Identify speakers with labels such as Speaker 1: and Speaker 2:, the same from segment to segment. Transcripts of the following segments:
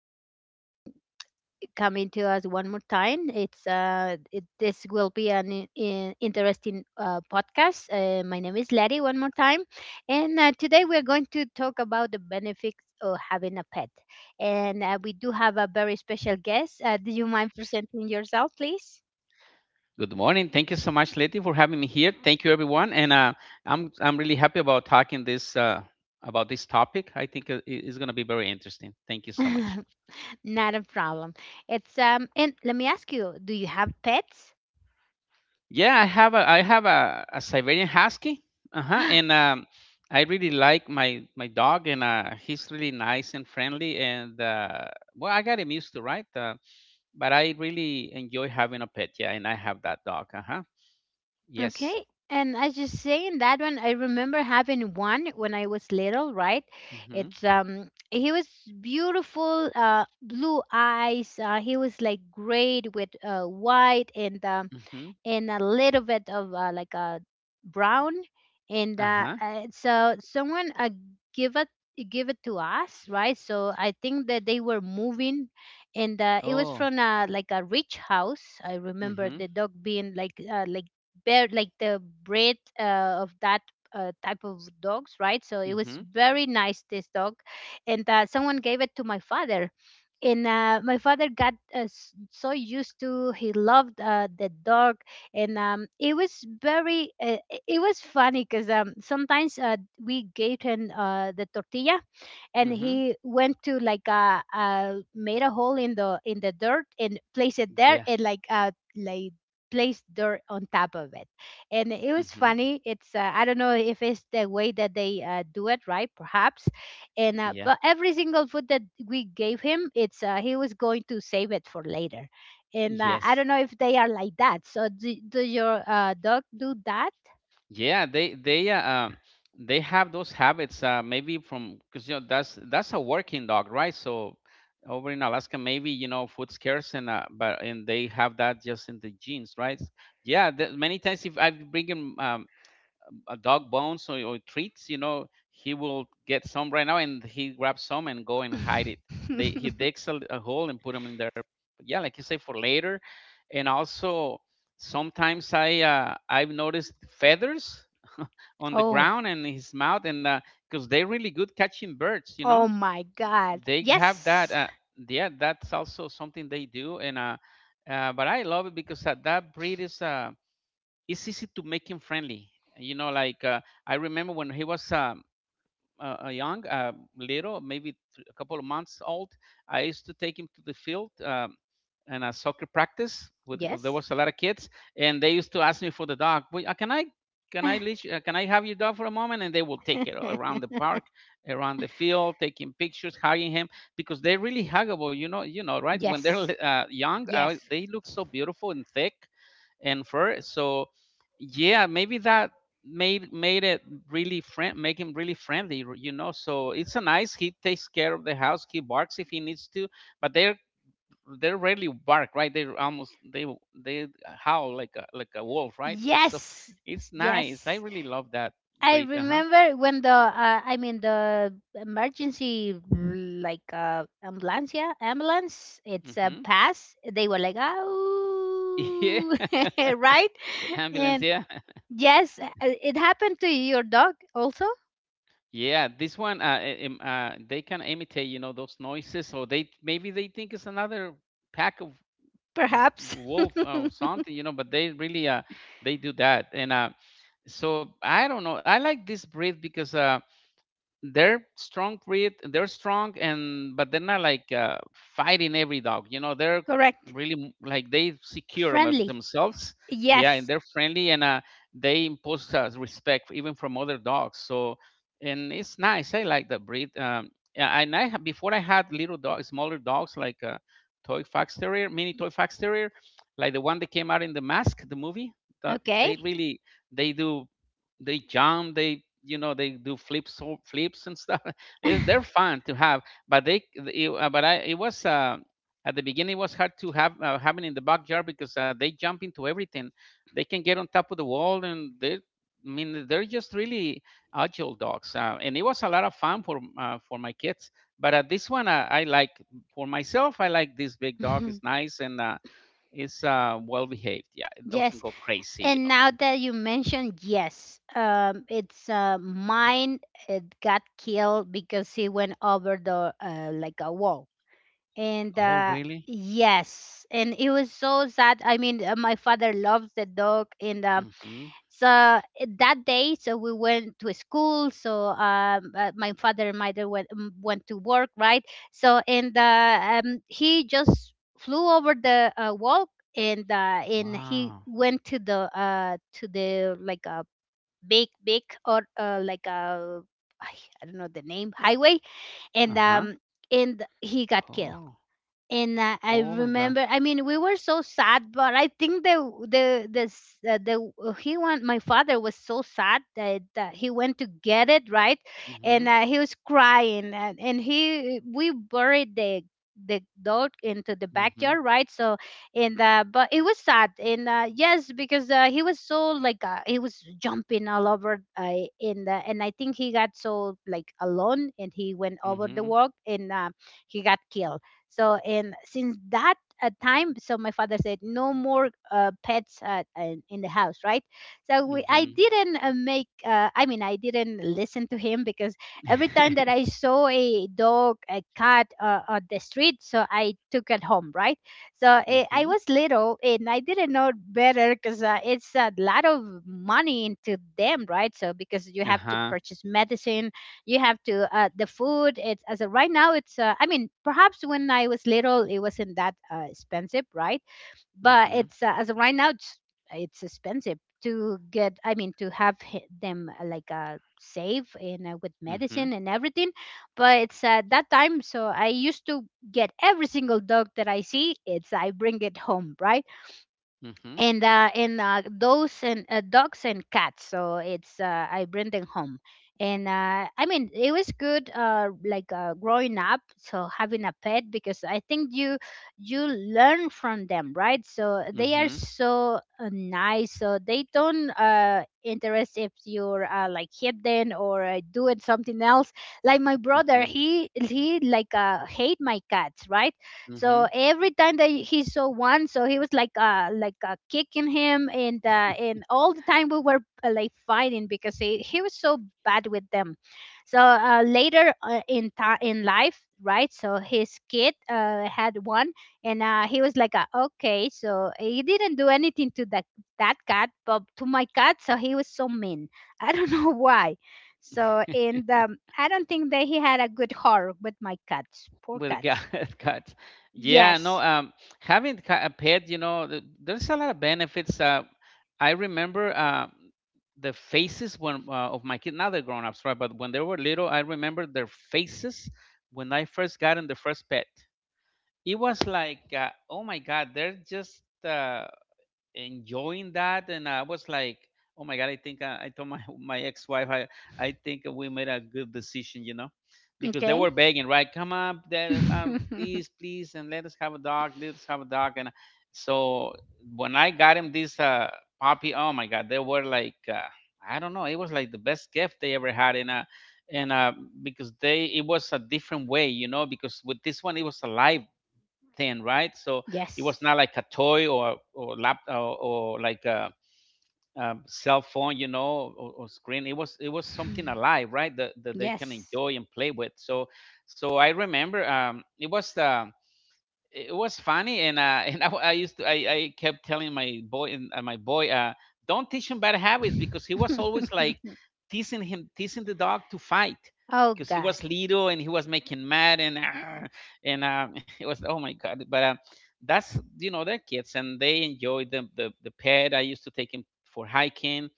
Speaker 1: you for coming to us one more time. This will be an interesting podcast. My name is Letty, one more time, and today we are going to talk about the benefits of having a pet. And We do have a very special guest. Do you mind presenting yourself, please?
Speaker 2: Good morning. Thank you so much, Letty, for having me here. Thank you, everyone. And I'm really happy about talking this about this topic. I think it's going to be very interesting. Thank you so much.
Speaker 1: Not a problem. It's and let me ask you: do you have pets?
Speaker 2: Yeah, I have a I have a Siberian Husky, uh-huh, and I really like my dog, and he's really nice and friendly. I got him used to right, but I really enjoy having a pet. Yeah, and I have that dog. Uh huh. Yes.
Speaker 1: Okay. And as you say in that one, I remember having one when I was little, right?
Speaker 2: Mhm.
Speaker 1: It's He was beautiful, blue eyes. He was like great with white
Speaker 2: Mhm.
Speaker 1: and a little bit of like a brown, and
Speaker 2: Uh huh.
Speaker 1: so someone give it give it to us, right? So I think that they were moving, and it was
Speaker 2: Oh.
Speaker 1: from a like a rich house. I remember
Speaker 2: Mhm.
Speaker 1: the dog being like bear, like the breed of that type of dogs, right? So it was
Speaker 2: Mhm.
Speaker 1: very nice, this dog, and someone gave it to my father, and my father got so used to, he loved the dog. And It was very it was funny because, sometimes we gaten the tortilla and
Speaker 2: Mhm.
Speaker 1: he went to like, made a hole in the dirt and placed it there,
Speaker 2: Yeah.
Speaker 1: and placed dirt on top of it. And it was
Speaker 2: Mhm.
Speaker 1: funny. It's I don't know if it's the way that they do it, right? Perhaps. And
Speaker 2: Yeah.
Speaker 1: But every single food that we gave him, it's he was going to save it for later. And I
Speaker 2: Yes.
Speaker 1: don't know if they are like that. So do your dog do that?
Speaker 2: Yeah. They they have those habits. Maybe from because you know that's a working dog, right? So over in Alaska, maybe you know food scarce and but and they have that just in the genes, right? Yeah. The, many times if I bring him a dog bones or treats, you know, he will get some right now and he grabs some and go and hide it. They he digs a hole and put them in there. Yeah, like you say for later, and also sometimes I've noticed feathers on the
Speaker 1: Oh,
Speaker 2: ground and in his mouth and because they're really good catching birds, you know,
Speaker 1: oh my god,
Speaker 2: they have that.
Speaker 1: yes.
Speaker 2: Yeah, that's also something they do and but I love it because that breed is it's easy to make him friendly. You know, like uh, I remember when he was young, little, maybe a couple of months old. I used to take him to the field and a soccer practice. With there
Speaker 1: Yes.
Speaker 2: was a lot of kids, and they used to ask me for the dog. "Wait, can I? Can I leash? Can I have your dog for a moment?" And they will take it around the park, around the field, taking pictures, hugging him because they're really huggable. You know, right? When
Speaker 1: Yes.
Speaker 2: young,
Speaker 1: Yes.
Speaker 2: they look so beautiful and thick and fur. So yeah, maybe that made it really friend make him really friendly, you know. So it's a nice. He takes care of the house. He barks if he needs to, but they're they rarely bark, right? They almost, they howl like a wolf, right? So
Speaker 1: Yes.
Speaker 2: it's nice. I
Speaker 1: Yes.
Speaker 2: really love that
Speaker 1: I
Speaker 2: breed. Uh huh.
Speaker 1: remember when the, I mean, the emergency like, ambulance, yeah, ambulance, it's a
Speaker 2: Mm-hmm.
Speaker 1: pass, they were like,
Speaker 2: Yeah,
Speaker 1: "Oh!" Right?
Speaker 2: ambulance.
Speaker 1: And
Speaker 2: Yeah,
Speaker 1: yes, it happened to your dog also?
Speaker 2: yeah. This one, they can imitate, you know, those noises, or they maybe they think it's another pack of m-
Speaker 1: Perhaps.
Speaker 2: wolf or something, you know, but they really they do that and so I don't know, I like this breed because they're strong breed, they're strong and but they're not like fighting every dog, you know. They're
Speaker 1: Correct.
Speaker 2: really like they secure
Speaker 1: Friendly.
Speaker 2: themselves, yeah, and
Speaker 1: Yes.
Speaker 2: they're friendly and they impose respect even from other dogs. So and it's nice, I like that breed. Yeah, and before I had little dogs, smaller dogs like toy fox terrier, mini toy fox terrier, like the one that came out in the Mask the movie, that
Speaker 1: Okay.
Speaker 2: they really they do, they jump, they, you know, they do flips and stuff. It's- they're fun to have but they it, but I it was at the beginning it was hard to have having in the backyard because they jump into everything, they can get on top of the wall and they I mean, they're just really agile dogs, and it was a lot of fun for my kids. But this one, I like for myself. I like this big dog. It's nice and it's well behaved. Yeah, it doesn't
Speaker 1: Yes.
Speaker 2: go crazy, you
Speaker 1: And
Speaker 2: know.
Speaker 1: now
Speaker 2: Mhm.
Speaker 1: that you mentioned, yes, it's mine. It got killed because he went over the, like, a wall. And
Speaker 2: Oh, really?
Speaker 1: Yes, and it was so sad. I mean, my father loves the dog, and so that day, so we went to school. So, my father and mother went to work, right? so and He just flew over the, wall. And he
Speaker 2: Wow.
Speaker 1: went to the, to the like a big, big, or, like a, I I don't know the name, highway. and
Speaker 2: Uh-huh.
Speaker 1: um and he got killed.
Speaker 2: Oh.
Speaker 1: And I
Speaker 2: Oh my god.
Speaker 1: remember. I mean, we were so sad, but I think the s- the he went. My father was so sad that, that he went to get it, right? and
Speaker 2: Mhm.
Speaker 1: He was crying, and he, we buried the dog into the
Speaker 2: Mhm.
Speaker 1: backyard, right? so and But it was sad. And Yes, because he was so like, he was jumping all over, in the, and I think he got so like alone and he went over the
Speaker 2: Mhm.
Speaker 1: walk, and he got killed. So and Since that time, so my father said no more, pets, in the house, right? So we, I
Speaker 2: Mhm.
Speaker 1: didn't make. I mean, I didn't listen to him because every time that I saw a dog, a cat on the street, so I took it home, right? So, eh, I
Speaker 2: Mhm.
Speaker 1: was little and I didn't know better, because it's a lot of money into them, right? So because you have to
Speaker 2: Uh-huh.
Speaker 1: purchase medicine, you have to, the food, right now it's I mean, perhaps when I was little it wasn't that expensive, right? But
Speaker 2: Mhm.
Speaker 1: it's as of right now it's expensive to get, I mean, to have them safe and with
Speaker 2: Mhm.
Speaker 1: medicine and everything. But it's that time, so I used to get every single dog that I see, it's I bring it home, right?
Speaker 2: Mhm.
Speaker 1: And Those, and dogs and cats. So it's I bring them home, and I mean, it was good. Growing up, so having a pet, because I think you, you learn from them, right? So they are
Speaker 2: Mhm.
Speaker 1: so, nice. So they don't interest if you're, like, hidden or, doing something else. Like my brother,
Speaker 2: Mhm.
Speaker 1: he like, hate my cats, right? So
Speaker 2: Mhm.
Speaker 1: every time that he saw one, so he was like, kicking him, and all the time we were, like, fighting because he was so bad with them. So later in life, right? So his kid had one, and he was like, okay, so he didn't do anything to that cat, but to my cat, so he was so mean. I don't know why. So, and I don't think that he had a good heart with my cats, poor
Speaker 2: With the
Speaker 1: cats.
Speaker 2: gut. Yeah,
Speaker 1: Yes.
Speaker 2: no, a pet, you know, there's a lot of benefits. I remember the faces when of my kids, now they're grown ups, right? But when they were little, I remember their faces when I first got in the first pet. It was like oh my god, they're just enjoying that, and I was like, oh my god. I told my my ex-wife, I think we made a good decision, you know, because they
Speaker 1: Okay.
Speaker 2: were begging, right? come up there Please, please, and let us have a dog, let us have a dog. And so when I got him this puppy, oh my god, they were like I don't know, it was like the best gift they ever had in a and because they it was a different way, you know, because with this one it was alive thing, right? So it was
Speaker 1: Yes.
Speaker 2: not like a toy or lap or like a, cell phone, you know, or screen. It was something alive, right? That, that they can
Speaker 1: Yes.
Speaker 2: enjoy and play with. So so I remember it was the it was funny and I used to I kept telling my boy and my boy, don't teach him bad habits because he was always like teasing him, teasing the dog to fight
Speaker 1: Oh
Speaker 2: because he
Speaker 1: God.
Speaker 2: was little and he was making mad and "Arr!" and it was, oh my god. But that's, you know, they're kids and they enjoy the pet. I used to take him for hiking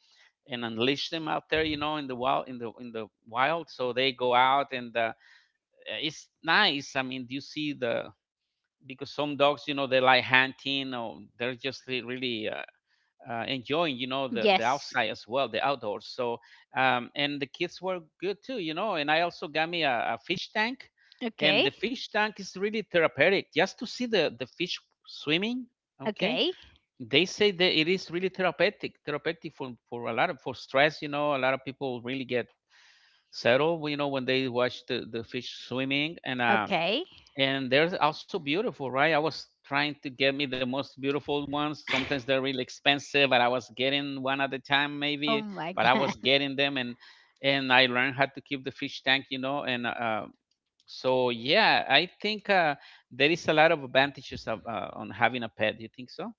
Speaker 2: and unleash them out there, you know, in the wild, in the wild, so they go out and it's nice. I mean, you see the because some dogs, you know, they like hunting or they're just really enjoying, you know, the
Speaker 1: Yes.
Speaker 2: outside as well, the outdoors. So, and the kids were good too, you know. And I also got me a fish tank, and
Speaker 1: Okay.
Speaker 2: the fish tank is really therapeutic, just to see the fish swimming. Okay,
Speaker 1: Okay.
Speaker 2: they say that it is really therapeutic, therapeutic for a lot of for stress. You know, a lot of people really get settled, you know, when they watch the fish swimming,
Speaker 1: Okay.
Speaker 2: and they're also beautiful, right? I was trying to get me the most beautiful ones. Sometimes they're really expensive, but I was getting one at a time,
Speaker 1: Oh
Speaker 2: maybe.
Speaker 1: my
Speaker 2: But I was
Speaker 1: God.
Speaker 2: getting them, and I learned how to keep the fish tank, you know. And so yeah, I think there is a lot of advantages of, on having a pet. Do you think so?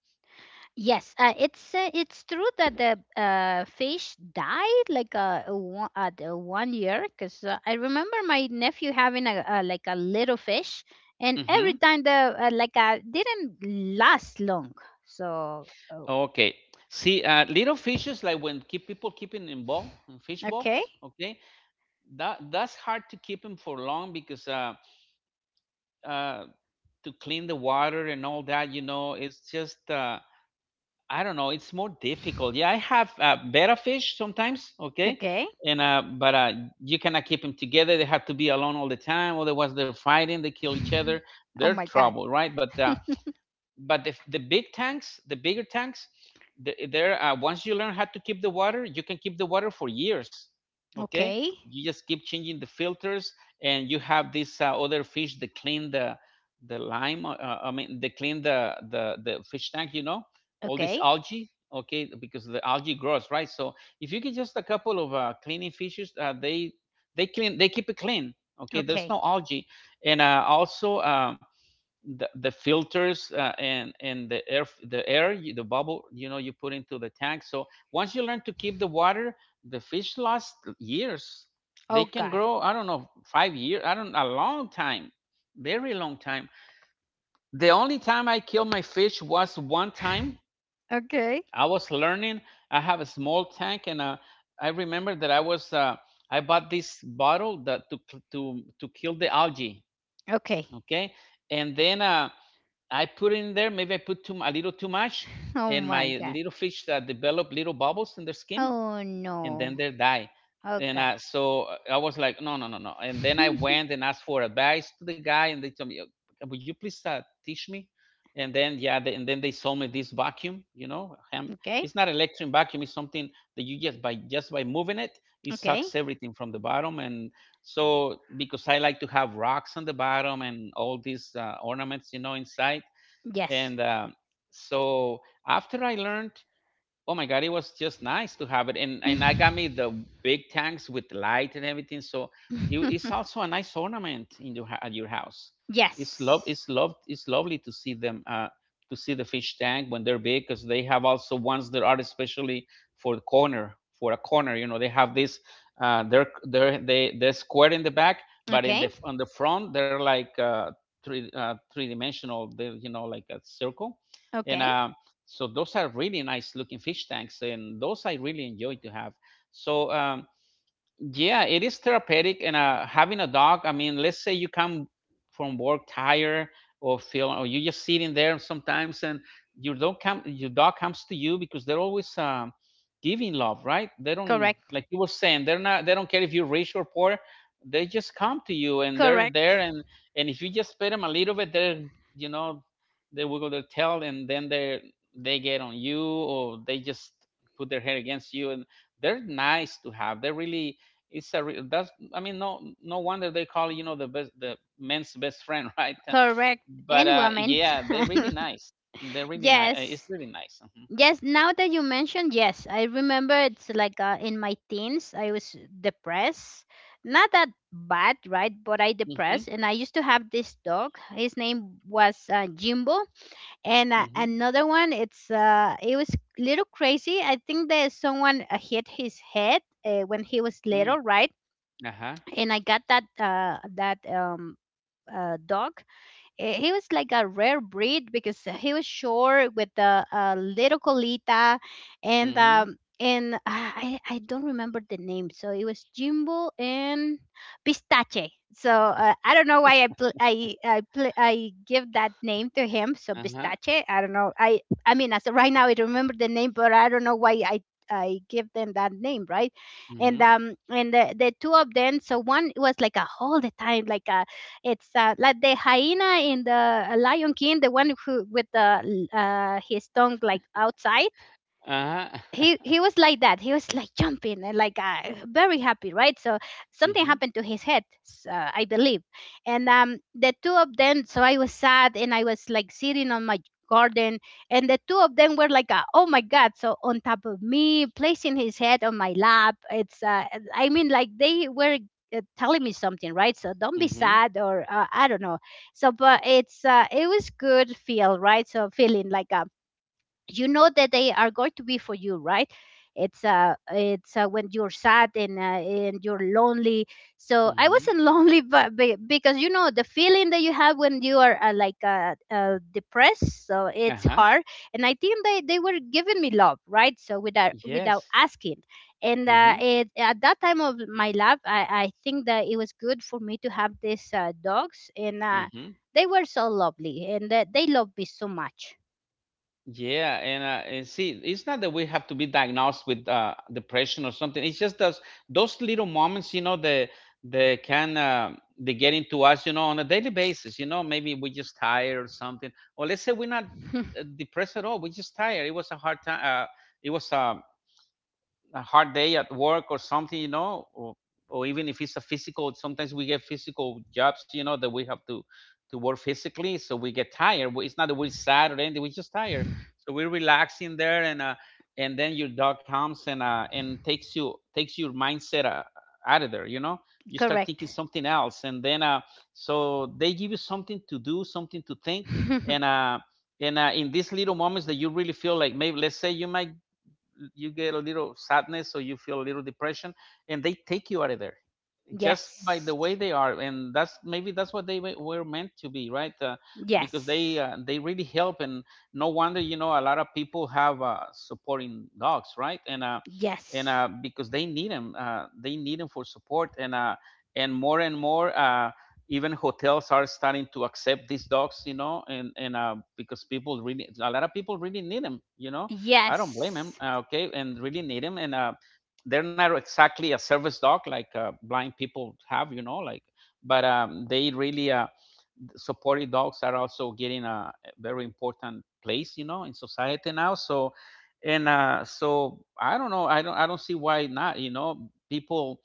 Speaker 1: Yes. It's true that the, fish died like, a one, at, one year, because I remember my nephew having a like a little fish, and every
Speaker 2: Mm-hmm.
Speaker 1: time the, didn't last long. So, oh,
Speaker 2: Okay. See, little fishes like when keep people keeping in ball in fish
Speaker 1: okay.
Speaker 2: box. Okay, that that's hard to keep them for long because uh, to clean the water and all that, you know, it's just I don't know, it's more difficult. Yeah, I have betta fish sometimes, okay,
Speaker 1: Okay.
Speaker 2: and but you cannot keep them together. They have to be alone all the time, otherwise they're fighting, they kill each other,
Speaker 1: Oh
Speaker 2: they're
Speaker 1: my god.
Speaker 2: trouble, right? But the big tanks, the bigger tanks, the, there once you learn how to keep the water, you can keep the water for years. Okay,
Speaker 1: Okay.
Speaker 2: you just keep changing the filters, and you have these other fish that clean the lime, I mean they clean the fish tank, you know, all this
Speaker 1: Okay.
Speaker 2: algae. Okay, because the algae grows, right? So if you get just a couple of cleaning fishes, they clean, they keep it clean. Okay, there's
Speaker 1: Okay.
Speaker 2: no algae. And also the filters and the air, the air, the bubble, you know, you put into the tank. So once you learn to keep the water, the fish last years,
Speaker 1: Oh
Speaker 2: they can
Speaker 1: god.
Speaker 2: grow, I don't know, 5 years, I don't, a long time, very long time. The only time I killed my fish was one time.
Speaker 1: Okay.
Speaker 2: I was learning, I have a small tank and I remember that I bought this bottle that to kill the algae.
Speaker 1: Okay.
Speaker 2: Okay, and then I put in there. Maybe I put too a little too much,
Speaker 1: Oh
Speaker 2: and
Speaker 1: my
Speaker 2: my
Speaker 1: god.
Speaker 2: little fish develop little bubbles in their skin,
Speaker 1: Oh
Speaker 2: and then
Speaker 1: no.
Speaker 2: they die.
Speaker 1: Oh
Speaker 2: And
Speaker 1: god.
Speaker 2: I was like, no, no, no, no. And then I went and asked for advice to the guy, and they told me, Would you please teach me?" And then yeah, they, and then they sold me this vacuum. You know,
Speaker 1: Okay.
Speaker 2: it's not electric vacuum. It's something that you just by moving it, it
Speaker 1: Okay.
Speaker 2: sucks everything from the bottom. And so because I like to have rocks on the bottom and all these ornaments, you know, inside
Speaker 1: Yes.
Speaker 2: and so after I learned, oh my god, it was just nice to have it, and I got me the big tanks with light and everything. So it's also a nice ornament in your at your house. it's love
Speaker 1: Yes.
Speaker 2: it's love it's lovely to see them, to see the fish tank when they're big, because they have also ones that are especially for the corner, for a corner. You know, they have this, they're square in the back, but in
Speaker 1: Okay.
Speaker 2: the on the front they're like three, three dimensional. They're, you know, like a circle. and
Speaker 1: Okay.
Speaker 2: uh. So those are really nice looking fish tanks, and those I really enjoy to have. So yeah, it is therapeutic. And having a dog, I mean, let's say you come from work tired, or you're just sitting there sometimes, and your dog comes to you because they're always, giving love, right? They don't,
Speaker 1: Correct.
Speaker 2: like you were saying, they're not they don't care if you're rich or poor. They just come to you and they're
Speaker 1: Correct.
Speaker 2: there, and if you just pet them a little bit, they're, you know, they wiggle their tail, and then they get on you, or they just put their head against you, and they're nice to have. They're really, it's a real, that's I mean no, no wonder they call, you know, the men's best friend, right?
Speaker 1: Correct.
Speaker 2: But
Speaker 1: And women.
Speaker 2: yeah, they're really nice, it's
Speaker 1: Yes.
Speaker 2: really nice.
Speaker 1: Yes, now that you mentioned, yes, I remember it's like, in my teens, I was depressed. Not that bad, right? But I
Speaker 2: hmm hmm
Speaker 1: depressed, and I used to have this dog. His name was, Jimbo, and
Speaker 2: hmm
Speaker 1: another one. It was little crazy. I think that someone hit his head when he was
Speaker 2: mm
Speaker 1: little, right?
Speaker 2: uh-huh.
Speaker 1: And I got that dog. Eh, he was like a rare breed because he was short with the, little colita, and
Speaker 2: hmm
Speaker 1: um, and ah, I I don't remember the name. So it was Jimbo and Pistache. So I don't know why I give that name to him. So
Speaker 2: uh-huh.
Speaker 1: Pistache. I don't know. I mean, as of right now, I remember the name, but I don't know why I give them that name, right?
Speaker 2: hmm
Speaker 1: And The two of them. So one was like a, all the time, like a, it's like the hyena in the, Lion King, the one who with the, his tongue like outside.
Speaker 2: uh-huh.
Speaker 1: He was like that, he was like jumping and like, very happy, right? So something
Speaker 2: hmm
Speaker 1: happened to his head, I believe. And The two of them, so I was sad and I was like sitting on my garden, and the two of them were like, oh my god, so on top of me, placing his head on my lap. It's I mean, like, they were, telling me something, right? So don't be
Speaker 2: hmm
Speaker 1: sad, or, I don't know. So but it was good feel, right? So feeling like a, you know that they are going to be for you, right? It's When you're sad and, and you're lonely, so I
Speaker 2: hmm
Speaker 1: wasn't lonely, but, be because you know the feeling that you have when you are, depressed, so it's
Speaker 2: uh-huh.
Speaker 1: hard. And I think they were giving me love, right? So without
Speaker 2: Yes.
Speaker 1: asking.
Speaker 2: hmm
Speaker 1: At that time of my life, I think that it was good for me to have these, dogs, and
Speaker 2: hmm
Speaker 1: they were so lovely, and they loved me so much.
Speaker 2: Yeah. And, and see, it's not that we have to be diagnosed with depression or something. It's just those little moments, you know, that they can they get into us, you know, on a daily basis. You know, maybe we're just tired or something, or let's say we're not depressed at all. We're just tired. It was a hard time. It was a hard day at work or something, you know, or even if it's a physical, sometimes we get physical jobs, you know, that we have to work physically, so we get tired. It's not that we're sad or anything; we're just tired. So we're relaxing there, and then your dog comes, and and takes your mindset out of there. You know, you start thinking
Speaker 1: Correct.
Speaker 2: something else, and then so they give you something to do, something to think, and uh, and in these little moments that you really feel like, maybe, let's say you might, you get a little sadness or you feel a little depression, and they take you out of there just by the
Speaker 1: Yes.
Speaker 2: way they are. And that's maybe that's what they were meant to be, right? Because
Speaker 1: Yes.
Speaker 2: they really help. And no wonder, you know, a lot of people have supporting dogs, right? and uh and
Speaker 1: Yes.
Speaker 2: uh because they need them, they need them for support. And more and more, even hotels are starting to accept these dogs, you know, and because people really, a lot of people really need them, you know. I don't blame them.
Speaker 1: Yes.
Speaker 2: Okay, and really need them. And they're not exactly a service dog, like blind people have, you know, like, but they really, supported dogs are also getting a very important place, you know, in society now. So, and so I don't know, I don't see why not, you know, people,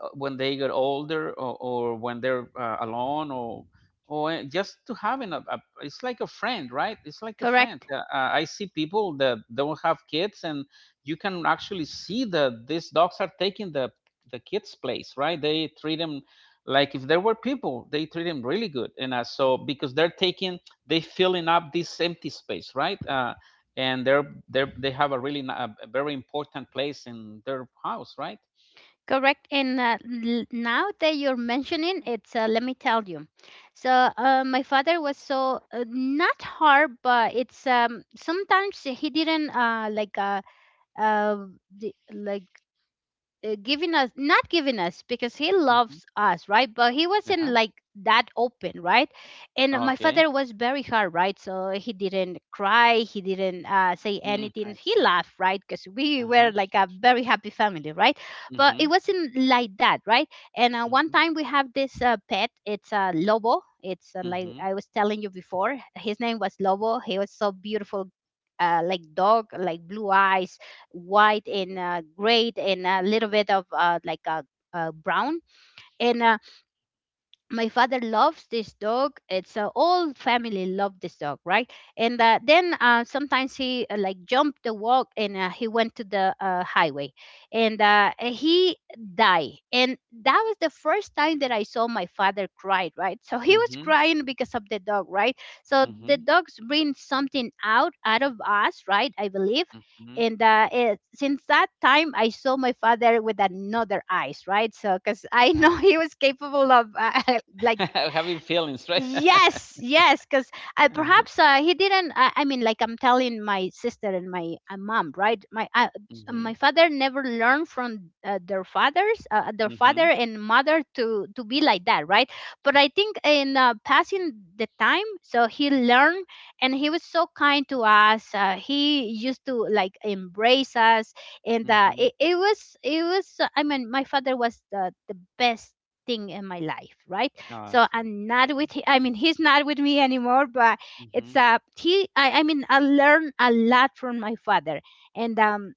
Speaker 2: when they get older, or when they're alone, or just to having a, it's like a friend, right? It's like a friend.
Speaker 1: Correct.
Speaker 2: I see people that don't have kids, and you can actually see that these dogs are taking the kids' place, right? They treat them like if there were people. They treat them really good. And so because they're taking, they filling up this empty space, right? And they're they have a really a very important place in their house, right?
Speaker 1: Correct. Now that you're mentioning, it's let me tell you. So my father was so not hard, but it's sometimes he didn't uh, the, like given us not giving us because he
Speaker 2: Hmm.
Speaker 1: loves us, right? But he wasn't like that open, right? And my
Speaker 2: Okay.
Speaker 1: father was very hard, right? So he didn't cry, he didn't say
Speaker 2: Mm, I
Speaker 1: anything, he
Speaker 2: see.
Speaker 1: laughed, right? Because we
Speaker 2: Uh-huh.
Speaker 1: were like a very happy family, right? But it
Speaker 2: Mhm.
Speaker 1: wasn't like that, right? And one
Speaker 2: Mhm.
Speaker 1: time we have this pet, it's a lobo. It's like
Speaker 2: Mhm.
Speaker 1: I was telling you before, his name was Lobo, he was so beautiful, like dog, like blue eyes, white and gray, and a little bit of like a, brown. And my father loves this dog. It's all family love this dog, right? And then sometimes he like jumped the walk and he went to the highway and he died. And that was the first time that I saw my father cry, right? So he was
Speaker 2: Mhm.
Speaker 1: crying because of the dog, right? So the
Speaker 2: Mhm.
Speaker 1: dogs bring something out of us, right? I believe.
Speaker 2: Mhm.
Speaker 1: And since that time I saw my father with another eyes, right? So because I
Speaker 2: I
Speaker 1: know he
Speaker 2: see.
Speaker 1: was capable of like.
Speaker 2: Having feelings, right?
Speaker 1: Yes, yes, because I
Speaker 2: Uh-huh.
Speaker 1: perhaps he didn't. I mean, like I'm telling my sister and my mom, right? My my
Speaker 2: Mhm.
Speaker 1: father never learned from their fathers, their father
Speaker 2: Mhm.
Speaker 1: and mother to be like that, right? But I think in passing the time, so he learned, and he was so kind to us. He used to like embrace us, and
Speaker 2: Mhm.
Speaker 1: it, it was it was. I mean, my father was the best thing in my life, right? So
Speaker 2: Awesome.
Speaker 1: I'm not
Speaker 2: Mhm.
Speaker 1: with. I mean, he's not with me anymore. But it's
Speaker 2: Mhm.
Speaker 1: I mean, I learned a lot from my father, and um,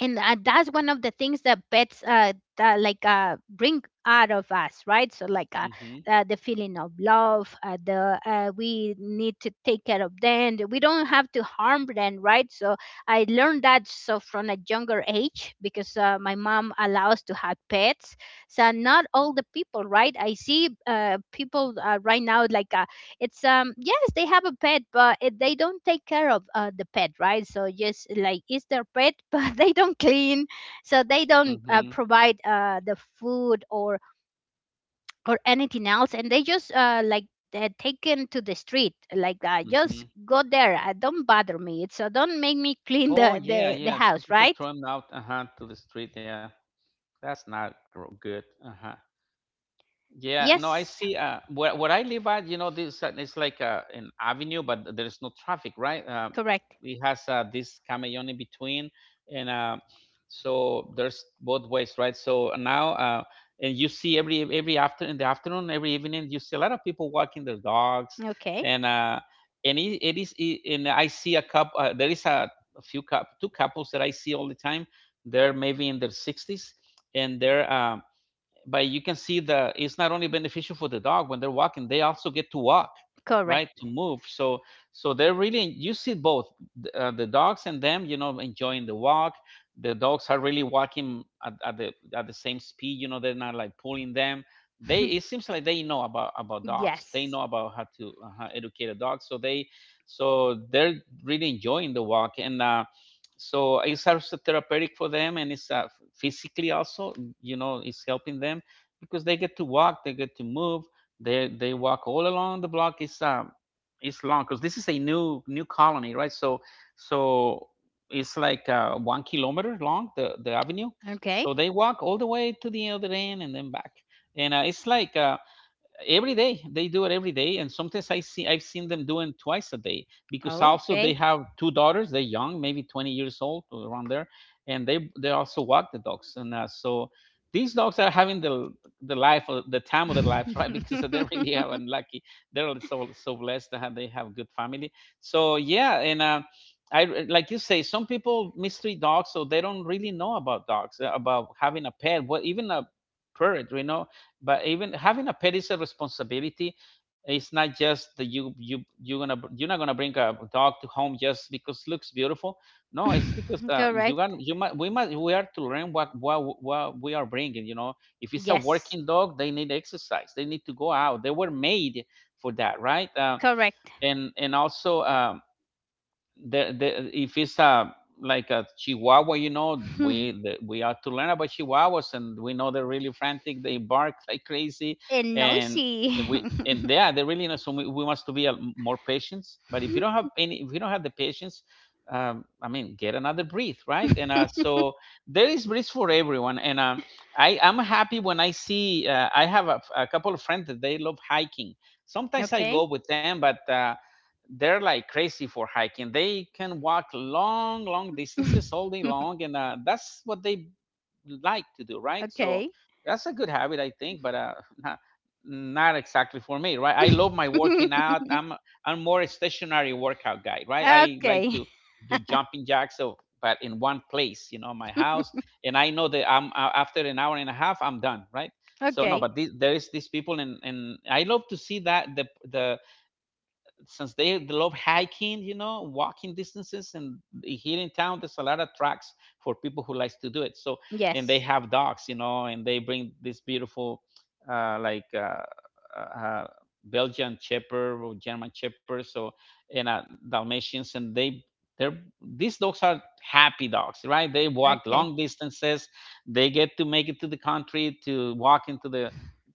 Speaker 1: and that's one of the things that pets bring out of us, right? So like
Speaker 2: Mhm.
Speaker 1: the feeling of love, the, we need to take care of them, we don't have to harm them, right? So I learned that so from a younger age because my mom allows to have pets. So not all the people, right? I see people, right now, like it's yes, they have a pet, but they don't take care of the pet, right? So just like it's their pet, but they don't clean, so they don't
Speaker 2: Mhm.
Speaker 1: provide the food or anything else, and they just like, they're taken to the street like, just
Speaker 2: Mhm.
Speaker 1: go there, don't bother me, so don't make me clean the,
Speaker 2: Oh
Speaker 1: the
Speaker 2: yeah,
Speaker 1: the
Speaker 2: yeah.
Speaker 1: house,
Speaker 2: Some
Speaker 1: right?
Speaker 2: people throw them out, uh-huh, to the street. Yeah, that's not good. Uh-huh. Yeah, no, I
Speaker 1: Yes.
Speaker 2: see. Where I live at, you know, this it's like an avenue, but there is no traffic, right?
Speaker 1: Correct.
Speaker 2: It has this camion in between, and so there's both ways, right? So and you see every after in the afternoon, every evening, you see a lot of people walking their dogs,
Speaker 1: Okay.
Speaker 2: and uh, and and I see a couple. There is a, two couples that I see all the time. They're maybe in their sixties, and they're but you can see that it's not only beneficial for the dog. When they're walking, they also get to walk,
Speaker 1: Correct.
Speaker 2: right? To move. So so they're really, you see both, the dogs and them, you know, enjoying the walk. The dogs are really walking at, the, at the same speed, you know. They're not like pulling them. They, it seems like they know about dogs. They
Speaker 1: Yes.
Speaker 2: know about how to educate a dog. So they, so they're really enjoying the walk. And so it's also therapeutic for them, and it's physically also, you know, it's helping them, because they get to walk, they get to move. They walk all along the block. It's long, because this is a new colony, right? So so it's like 1 kilometer long, the avenue.
Speaker 1: Okay.
Speaker 2: So they walk all the way to the other end and then back. And it's like every day they do it, every day. And sometimes I've seen them doing twice a day, because
Speaker 1: Oh,
Speaker 2: also
Speaker 1: okay.
Speaker 2: they have two daughters. They're young, maybe 20 years old or around there, and they also walk the dogs. And so these dogs are having the life, of the time of their life, right? Because they really are unlucky, they're so, so blessed to have, they have good family. So yeah. And like you say, some people mistreat dogs, so they don't really know about dogs, about having a pet, what, even a parrot, you know, but even having a perisher responsibility. It's not just that you're gonna, you're not gonna bring a dog to home just because it looks beautiful. No, it's because you got,
Speaker 1: Correct.
Speaker 2: you might, we might, we are to learn what, what we are bringing. You know, if it's a
Speaker 1: Yes,
Speaker 2: working dog, they need exercise. They need to go out. They were made for that, right?
Speaker 1: correct.
Speaker 2: And also, the, if it's a, like a chihuahua, you know,
Speaker 1: And
Speaker 2: we, the, we are to learn about chihuahuas, and we know they're really frantic, they bark like crazy. and,
Speaker 1: noisy.
Speaker 2: and we, and yeah, they're really, you know. So we must to be a, more patient. But if you don't have any, if you don't have the patience, I mean, get another breed, right? And so there is breeds for everyone. And I'm happy when I see, I have a couple of friends that they love hiking. Sometimes I
Speaker 1: Okay.
Speaker 2: go with them, but they're like crazy for hiking. They can walk long, long distances all day long, and that's what they like to do, right? So
Speaker 1: Okay.
Speaker 2: that's a good habit, I think, but not, not exactly for me, right? I love my working out. I'm more a stationary workout guy, right? I like
Speaker 1: Okay.
Speaker 2: to do jumping jacks, so, but in one place, you know, my house. And I know that I'm after an hour and a half, I'm done, right? So
Speaker 1: Okay.
Speaker 2: no, but the, there is these people, and I love to see that the, since they love hiking, you know, walking distances, and here in town there's a lot of tracks for people who likes to do it. So, and they
Speaker 1: Yes.
Speaker 2: have dogs, you know, and they bring this beautiful, uh, like uh, uh, uh, Belgian Shepherd or German Shepherd, so, and Dalmatians. And they, they're, these dogs are happy dogs, right? They walk long
Speaker 1: Okay.
Speaker 2: distances, they get to make it to the country to walk into the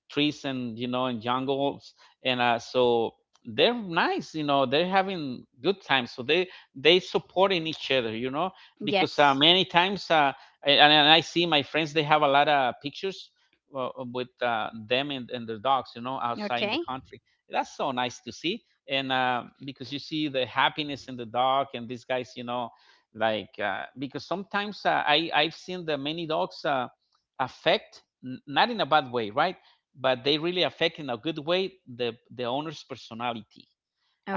Speaker 2: trees and in jungles and so they're nice, they're having good times. So they supporting each other. Because
Speaker 1: Yes.
Speaker 2: many times, and I see my friends, they have a lot of pictures. Well, with them, and their dogs, outside in
Speaker 1: Okay.
Speaker 2: the country. That's so nice to see. And because you see the happiness in the dog and these guys. Like, because sometimes I've seen the many dogs, affect, not in a bad way, right? But they really affect in a good way the owner's personality.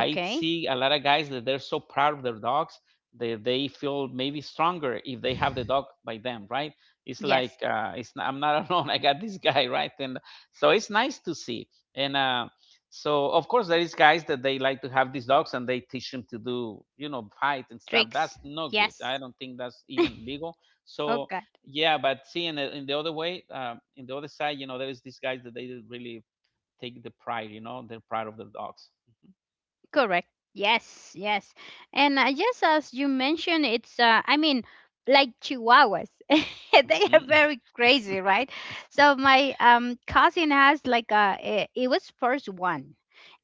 Speaker 2: I see a lot of guys that they're so proud of their dogs, that they feel maybe stronger if they have the dog by them, right? It's like
Speaker 1: Yes.
Speaker 2: it's I'm not alone. I got this guy, right? And so it's nice to see. And so of course there is guys that they like to have these dogs, and they teach them to do, fight and stuff. That's
Speaker 1: Tricks.
Speaker 2: no good. I
Speaker 1: Yes.
Speaker 2: don't think that's even legal. So
Speaker 1: Okay.
Speaker 2: yeah, but see, in the other way, in the other side, there is these guys that they really take the pride, they're proud of their dogs.
Speaker 1: Correct. Yes, yes. And just as you mentioned, I mean, like chihuahuas. They are very crazy, right? So my cousin has like a, it was first one.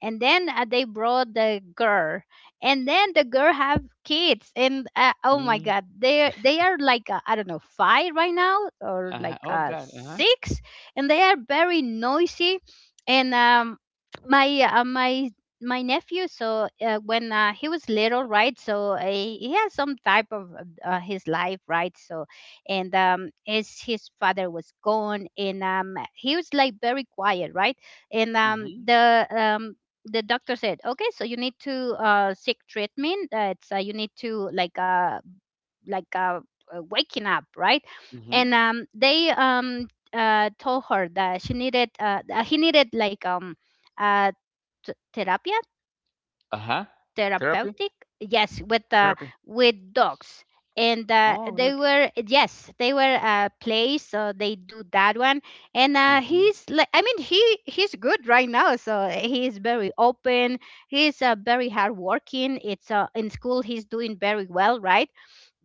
Speaker 1: And then they brought the girl, and then the girl have kids, and oh my
Speaker 2: Mhm.
Speaker 1: God, they are like I don't know, five right now or
Speaker 2: Uh-huh.
Speaker 1: like
Speaker 2: Oh God. Uh-huh.
Speaker 1: six, and they are very noisy, and my uh, my my nephew, so when he was little, right? So he has some type of his life, right? So and his father was gone, and he was like very quiet, right? and um
Speaker 2: Mhm.
Speaker 1: the um the doctor said okay, so you need to seek treatment, it's you need to like uh waking up, right?
Speaker 2: Mhm.
Speaker 1: And they told her that she needed he needed like uh therapy,
Speaker 2: Uh-huh. Therapy.
Speaker 1: therapeutic, yes,
Speaker 2: Therapy.
Speaker 1: with dogs. And
Speaker 2: Oh
Speaker 1: they
Speaker 2: look.
Speaker 1: were yes, they were plays, so they do that one. And
Speaker 2: Mhm.
Speaker 1: he's like I mean he's good right now, so he's very open. He's very hardworking. It's in school he's doing very well, right?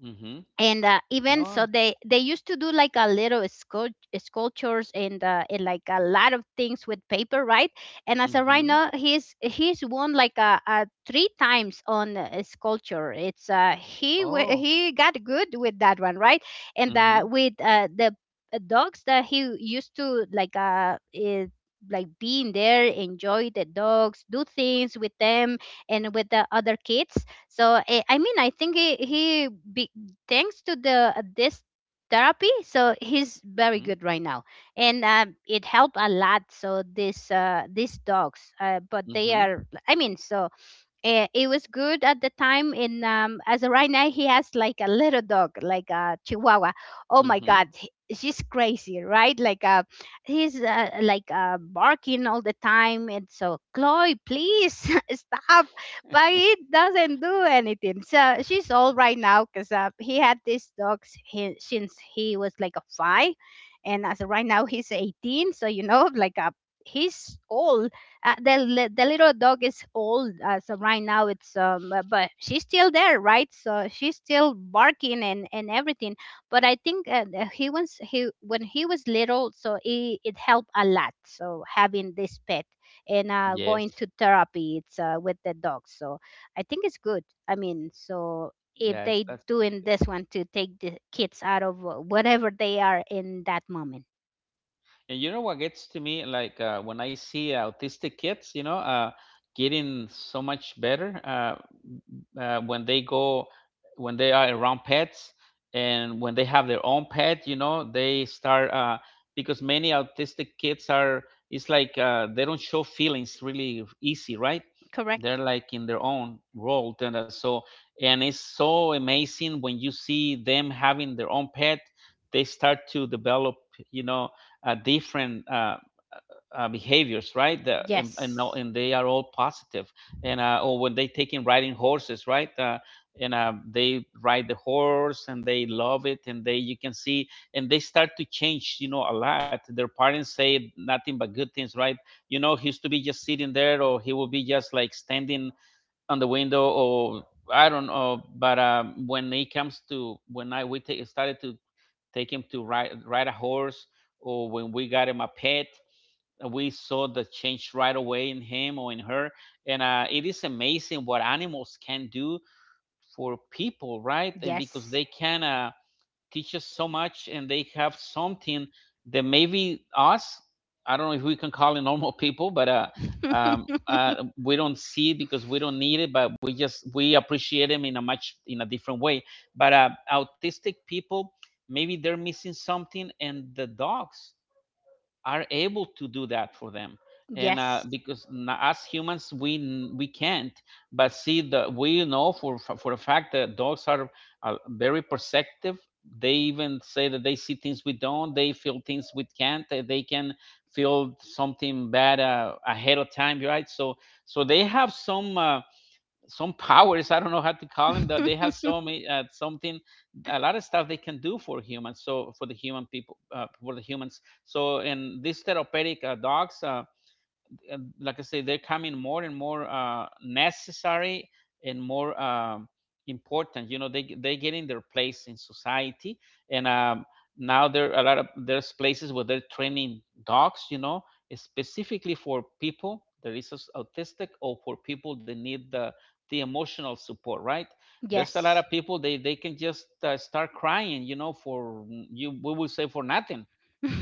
Speaker 2: Mhm.
Speaker 1: And even so
Speaker 2: Oh.
Speaker 1: they used to do like a little sculptures, and like a lot of things with paper, right? And as a right
Speaker 2: Mhm.
Speaker 1: now, he's won like a three times on a sculpture. It's
Speaker 2: Oh.
Speaker 1: he got good with that one, right? And
Speaker 2: Mhm.
Speaker 1: with the dogs that he used to, like like being there, enjoy the dogs, do things with them, and with the other kids, so I mean, I think he be, thanks to the this therapy, so he's very
Speaker 2: Mhm.
Speaker 1: good right now. And it helped a lot, so this these dogs, but they
Speaker 2: Mhm.
Speaker 1: are, I mean, so it was good at the time. In As of right now he has like a little dog, like a chihuahua. Oh my
Speaker 2: Mhm.
Speaker 1: God, she's crazy, right? Like he's like barking all the time, and so Chloe please stop. But he doesn't do anything, so she's all right now because he had these dogs since he was like a 5, and as of right now he's 18, so you know, like he's old. The little dog is old, so right now it's but she's still there, right? So she's still barking and everything. But I think the- he was he when he was little, so it helped a lot. So having this pet and going
Speaker 2: Yes.
Speaker 1: to therapy, it's with the dog. So I think it's good. I mean, so if
Speaker 2: Yes.
Speaker 1: they
Speaker 2: That's really
Speaker 1: doing
Speaker 2: good.
Speaker 1: this one to take the kids out of whatever they are in that moment,
Speaker 2: And you know what gets to me, like, when I see autistic kids, getting so much better, uh, when they go, when they are around pets, and when they have their own pet, they start, because many autistic kids are. It's like, they don't show feelings really easy, right? They're
Speaker 1: correct?
Speaker 2: like in their own world, and so, and it's so amazing when you see them having their own pet. They start to develop, you know different, behaviors, right? The, and, no-
Speaker 1: Yes,
Speaker 2: And they are all positive. And or when they take in riding horses, right? And they ride the horse and they love it, and they you can see, and they start to change, a lot. Their parents say nothing but good things, right? He used to be just sitting there, or he would be just like standing on the window, or I don't know. But when I we take, started to take him to ride a horse, or when we got him a pet, we saw the change right away in him or in her. And it is amazing what animals can do for people, right? And because
Speaker 1: yes.
Speaker 2: they can, teach us so much, and they have something that maybe us, I don't know if we can call it normal people, but um, uh, we don't see it because we don't need it, but we appreciate them in a much in a different way. But autistic people, maybe they're missing something, and the dogs are able to do that for them. And
Speaker 1: Yes.
Speaker 2: because us humans, we can't. But see, the we know for a fact that dogs are, very perceptive. They even say that they see things we don't, they feel things we can't. They can feel something bad, ahead of time, right? So they have some powers. I don't know how to call them, that they have so many, something, a lot of stuff they can do for humans. So for the human people, for the humans. So in these therapeutic, dogs, like I say, they're coming more and more, necessary, and more, important. They getting their place in society, and now there are a lot of there's places where they're training dogs. Specifically for people that is, autistic, or for people that need the emotional support, right? There's a lot of
Speaker 1: Yes.
Speaker 2: people, they can just, start crying. For you we will say for nothing.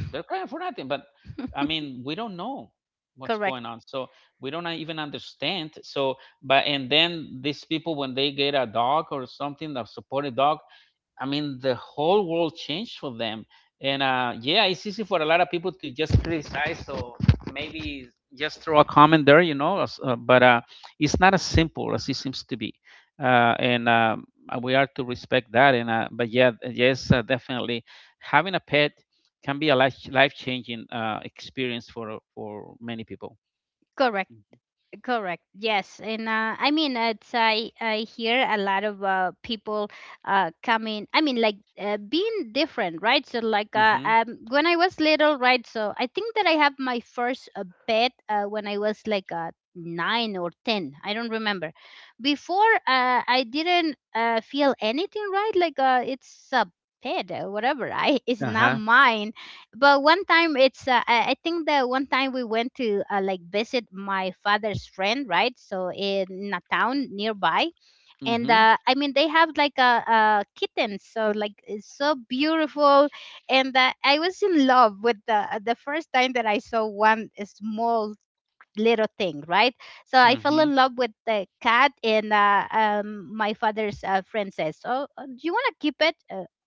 Speaker 2: They're crying for nothing, but I mean, we don't know what's
Speaker 1: Correct.
Speaker 2: going on. So we don't even understand. So, but and then these people, when they get a dog or something, a supported dog, I mean, the whole world changed for them. And yeah, it's easy for a lot of people to just criticize, or maybe just throw a comment there. But it's not as simple as it seems to be, and we are to respect that. And but yeah, yes, definitely, having a pet can be a life changing, experience for many people.
Speaker 1: Correct. Correct. Yes, and I mean, it's I hear a lot of people coming. I mean, like being different, right? So, like,
Speaker 2: Mm-hmm.
Speaker 1: when I was little, right? So I think that I have my first pet when I was like 9 or 10, I don't remember. Before, I didn't feel anything, right? Like, it's a pet, whatever. I it's
Speaker 2: Uh
Speaker 1: not
Speaker 2: huh.
Speaker 1: mine. But one time it's I think the one time we went to, like visit my father's friend, right? So in a town nearby. And
Speaker 2: Mm-hmm.
Speaker 1: I mean, they have like a kitten, so like it's so beautiful. And I was in love with the first time that I saw one small little thing, right? So I fell
Speaker 2: Mm-hmm.
Speaker 1: in love with the cat, and my father's friend says, "Oh, do you want to keep it?"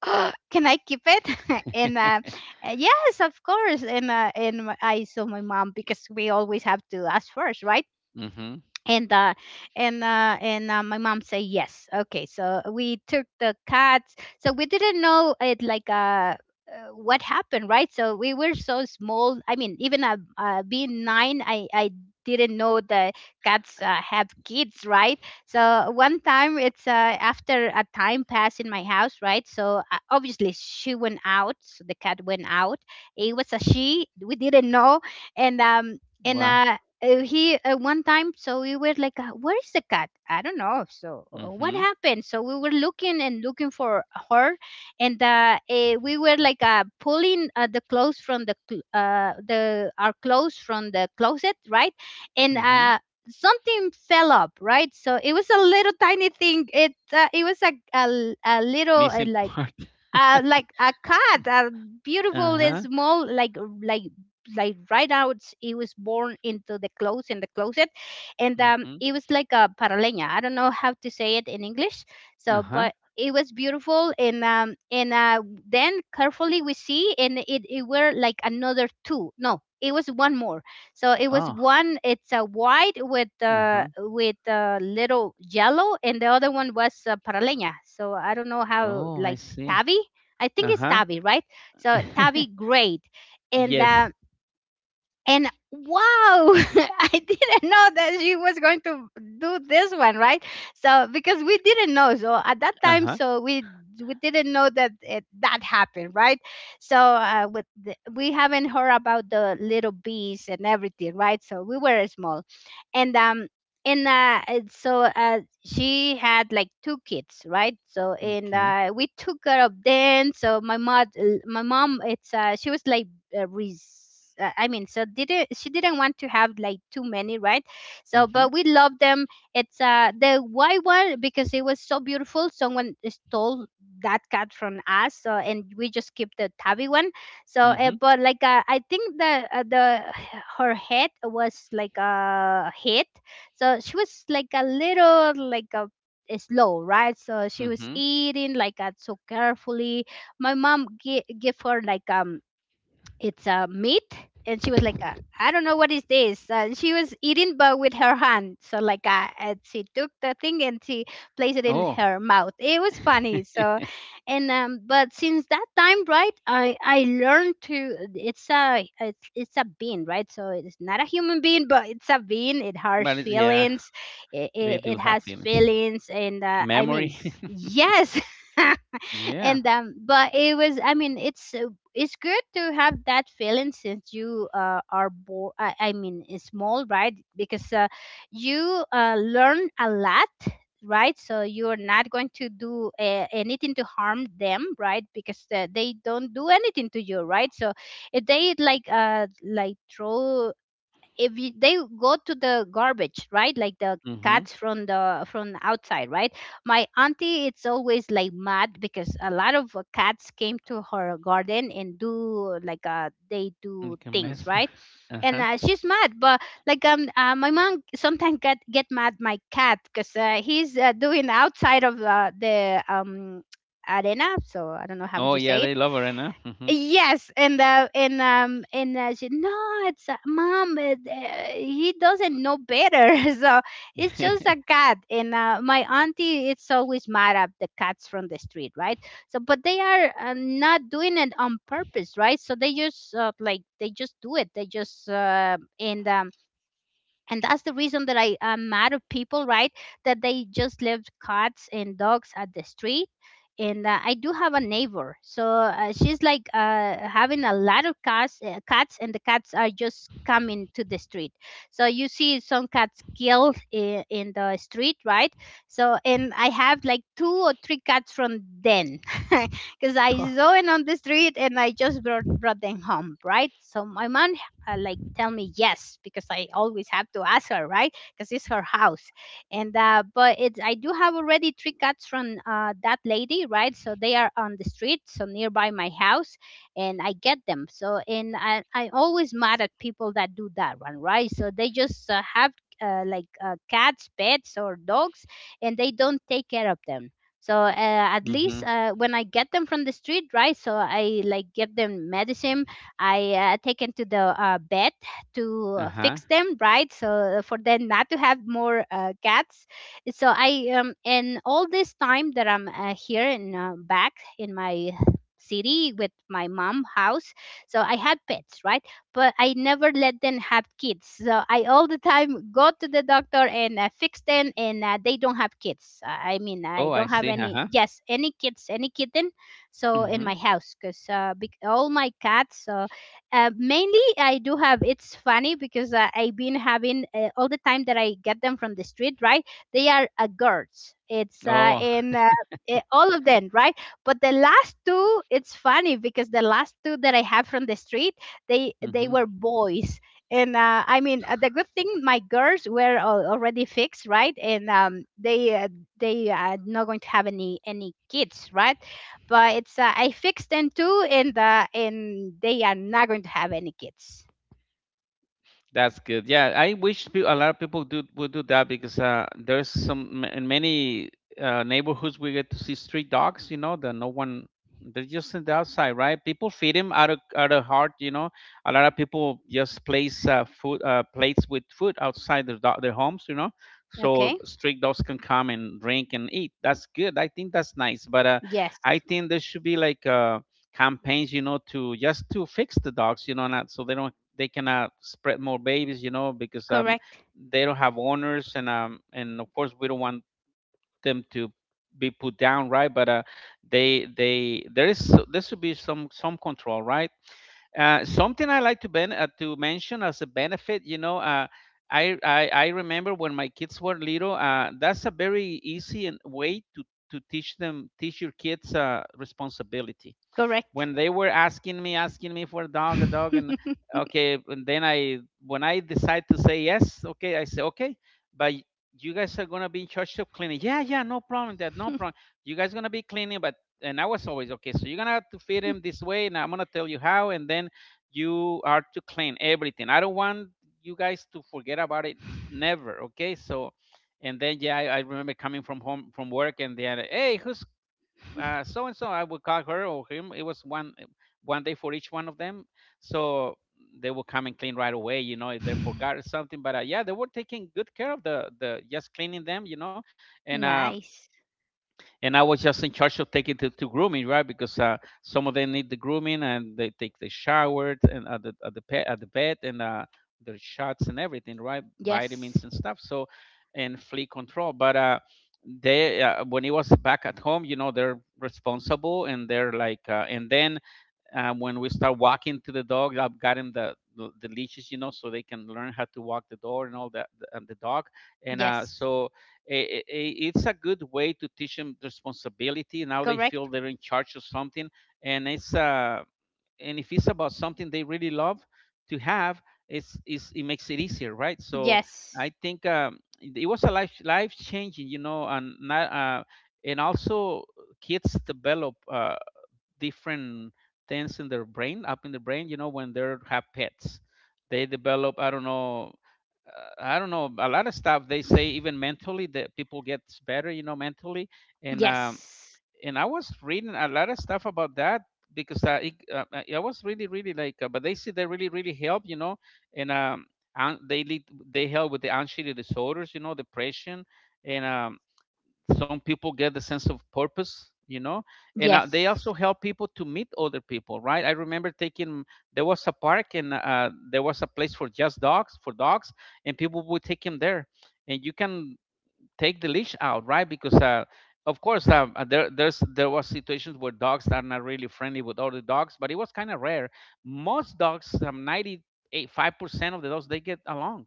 Speaker 1: Can I keep it? And yes, of course. And I saw my mom because we always have to ask first, right?
Speaker 2: Mm-hmm.
Speaker 1: and uh and my mom said yes, okay, so we took the cats, so we didn't know it, like what happened, right? So we were so small, I mean even being 9, I didn't know the cats have kids, right? So one time it's after a time passed in my house, right? So obviously she went out, so the cat went out. It was a she, we didn't know. and um and
Speaker 2: Wow.
Speaker 1: uh, uh, he uh, one time so we were like, where is the cat? I don't know. So what
Speaker 2: Mm-hmm.
Speaker 1: happened? So we were looking and looking for her. And we were like, pulling the clothes from the our clothes from the closet, right? And
Speaker 2: Mm-hmm.
Speaker 1: something fell up, right? So it was a little tiny thing, it was a little,
Speaker 2: Missing part.
Speaker 1: like a cat, a beautiful and
Speaker 2: Uh-huh.
Speaker 1: small, like like right now it was born into the clothes in the closet. And
Speaker 2: Mhm.
Speaker 1: it was like a paraleña, I don't know how to say it in English. So
Speaker 2: Uh-huh.
Speaker 1: but it was beautiful, and then carefully we see, and it were like another two. No, it was one more. So it was
Speaker 2: Oh.
Speaker 1: one, it's a white
Speaker 2: Uh-huh.
Speaker 1: with a little yellow, and the other one was paraleña, so I don't know how,
Speaker 2: Oh, I
Speaker 1: like
Speaker 2: see.
Speaker 1: tabby. I think it's
Speaker 2: Uh-huh.
Speaker 1: Tavi, right? So Tavi, great. And
Speaker 2: Yes.
Speaker 1: uh, and wow, I didn't know that she was going to do this one, right? So because we didn't know, so at that time,
Speaker 2: Uh-huh.
Speaker 1: so we didn't know that that happened, right? So with we haven't heard about the little bees and everything, right? So we were small, and um and she had like two kids, right? So and
Speaker 2: Okay.
Speaker 1: we took care of them. So my mom it's she was like uh, res- I mean, so didn't she didn't want to have like too many, right? So, but
Speaker 2: Mhm.
Speaker 1: we love them. It's the white one, because it was so beautiful. Someone stole that cat from us, so and we just keep the tabby one. So,
Speaker 2: Mhm.
Speaker 1: but like I think her head was like a hit, so she was like a little, like a slow, right? So she was
Speaker 2: Mhm.
Speaker 1: eating, like so carefully. My mom give her like it's a meat. And she was like I don't know what is this, and she was eating but with her hand. So, like and she took the thing and she placed it in
Speaker 2: Oh.
Speaker 1: her mouth. It was funny. So and but since that time, right, I learned to it's a it's a bean, right? So it's not a human being, but it's a bean. It has
Speaker 2: But it's, yeah,
Speaker 1: feelings.
Speaker 2: they
Speaker 1: It
Speaker 2: do have
Speaker 1: has
Speaker 2: feelings.
Speaker 1: feelings. And I mean,
Speaker 2: Memory.
Speaker 1: yes.
Speaker 2: Yeah.
Speaker 1: And but it was, I mean, it's good to have that feeling since you are born. I mean it's small, right? Because you learn a lot, right? So you're not going to do anything to harm them, right? Because they don't do anything to you, right? So if they like throw, if you, they go to the garbage, right, like the
Speaker 2: Mhm.
Speaker 1: cats from the from outside, right? My auntie, it's always like mad because a lot of cats came to her garden and do like they
Speaker 2: You
Speaker 1: do
Speaker 2: can
Speaker 1: things,
Speaker 2: mess.
Speaker 1: right? And
Speaker 2: Uh-huh.
Speaker 1: she's mad. But like my mom sometimes get mad my cat because he's doing outside of the arena, so I don't know how would
Speaker 2: Oh,
Speaker 1: you
Speaker 2: yeah,
Speaker 1: say it.
Speaker 2: they love her, right now. Mhm.
Speaker 1: Yes, and she no, it's mom. It, he doesn't know better. So it's just a cat. And my auntie, it's always mad at the cats from the street, right? So but they are not doing it on purpose, right? So they just like they just do it. They just and that's the reason that I am mad at people, right? That they just left cats and dogs at the street. And I do have a neighbor, so she's like having a lot of cats, and the cats are just coming to the street. So you see some cats killed in the street, right? So and I have like two or three cats from then. Because
Speaker 2: Oh.
Speaker 1: I saw it on the street and I just brought them home, right? So my mom like tell me yes, because I always have to ask her, right? Because it's her house. And but it, I do have already three cats from that lady, right? So they are on the street, so nearby my house, and I get them. So and I always mad at people that do that one, right? So they just have like cats, pets, or dogs, and they don't take care of them. So at least
Speaker 2: Mhm.
Speaker 1: when I get them from the street, right? So I like give them medicine. I taken to the vet to
Speaker 2: Uh-huh.
Speaker 1: fix them, right? So for them not to have more cats. So I and all this time that I'm here in back in my city with my mom house, so I had pets, right? But I never let them have kids, so I all the time go to the doctor and fix them, and they don't have kids. I mean, I
Speaker 2: Oh, I
Speaker 1: don't have
Speaker 2: see.
Speaker 1: any.
Speaker 2: Uh-huh.
Speaker 1: Yes, any kids, any kitten. So in
Speaker 2: Mhm.
Speaker 1: my house, because all my cats mainly, I do have. It's funny because I've been having all the time that I get them from the street. Right, they are girls. It's
Speaker 2: Oh.
Speaker 1: all of them, right? But the last two, it's funny because the last two that I have from the street, they
Speaker 2: Mhm.
Speaker 1: were boys. And I mean, the good thing, my girls were already fixed, right? And they are not going to have any kids, right? But it's I fixed them too, and they are not going to have any kids.
Speaker 2: That's good. Yeah, I wish a lot of people do would do that, because there's some, in many, neighborhoods, we get to see street dogs. That no one, they're just in the outside, right? People feed them out of heart. A lot of people just place, food, plates with food outside their, their homes. You know,
Speaker 1: Okay.
Speaker 2: so street dogs can come and drink and eat. That's good. I think that's nice. But
Speaker 1: Yes.
Speaker 2: I think there should be like, campaigns, to just to fix the dogs. Not so they cannot spread more babies, because
Speaker 1: Correct.
Speaker 2: they don't have owners, and and of course we don't want them to be put down, right? But they there should be some control, right? Something I like to, to mention as a benefit. I remember when my kids were little. That's a very easy and way to teach them teach your kids, responsibility,
Speaker 1: Correct.
Speaker 2: when they were asking me for a dog a dog, and okay, and then I when I decide to say yes, okay, I say okay, but you guys are gonna be in charge of cleaning. Yeah, yeah, no problem, that no problem. You guys gonna be cleaning, but and I was always okay, so you're gonna have to feed him this way, and I'm gonna tell you how, and then you are to clean everything. I don't want you guys to forget about it, never, okay. So, and then yeah, I remember coming from home from work, and then hey, who's, so and so, I would call her or him. It was one day for each one of them, so they will come and clean right away. If they forgot or something, but yeah, they were taking good care of the just cleaning them. And
Speaker 1: Nice.
Speaker 2: and I was just in charge of taking to, grooming, right? Because some of them need the grooming and they take the shower and at the pet, at the bed, and their shots and everything, right?
Speaker 1: Yes.
Speaker 2: Vitamins and stuff. So, and flea control. But they, when it was back at home, they're responsible. And they're like, and then, when we start walking to the dog, I've gotten the leashes, so they can learn how to walk the door and all that, and the dog. And
Speaker 1: Yes.
Speaker 2: so I it's a good way to teach them responsibility. Now they feel
Speaker 1: Correct.
Speaker 2: they're in charge of something, and it's, and if it's about something they really love to have, it makes it easier, right? So
Speaker 1: Yes.
Speaker 2: I think, it was a life changing, and not, and also kids develop. Different things in their brain, up in the brain, you know, when they have pets, they develop, I don't know, a lot of stuff they say, even mentally, that people get better, you know, mentally. and um
Speaker 1: Yes.
Speaker 2: and I was reading a lot of stuff about that, because I was really but they say they really really help, you know. and um they lead, they help with the anxiety disorders, you know, depression. And Some people get the sense of purpose, you know. And they also
Speaker 1: Yes.
Speaker 2: help people to meet other people, right? I remember taking, there was a park, and there was a place for just dogs, for dogs, and people would take him there, and you can take the leash out, right? Because of course, there was situations where dogs are not really friendly with other dogs, but it was kind of rare. Most dogs, 95% of the dogs, they get along,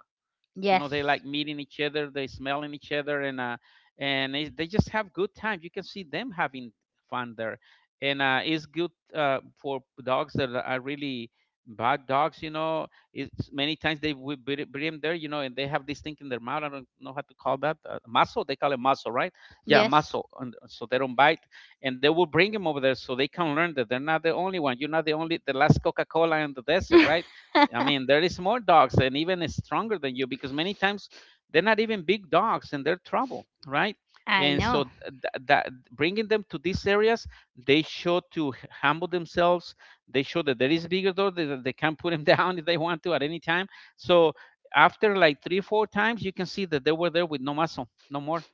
Speaker 2: you know. They
Speaker 1: Yes.
Speaker 2: like meeting each other, they smelling each other. They just have good time, you can see them having fun there. And it's good for dogs that are really bad dogs, you know. It's, many times they will bring them there, you know, and they have this thing in their mouth, I don't know how to call that, muscle, they call it muscle, right? Yeah,
Speaker 1: Yes.
Speaker 2: muscle, and so they don't bite. And they will bring them over there so they can learn that they're not the only one, you're not the only, the last Coca-Cola in the desert, right? I mean, there is more dogs and even stronger than you, because many times they're not even big dogs and they're trouble, right?
Speaker 1: I
Speaker 2: And
Speaker 1: know.
Speaker 2: so that bringing them to these areas, they show to humble themselves. They show that there is bigger dog that they can put them down if they want to at any time. So after like three, four times, you can see that they were there with no muscle, no more.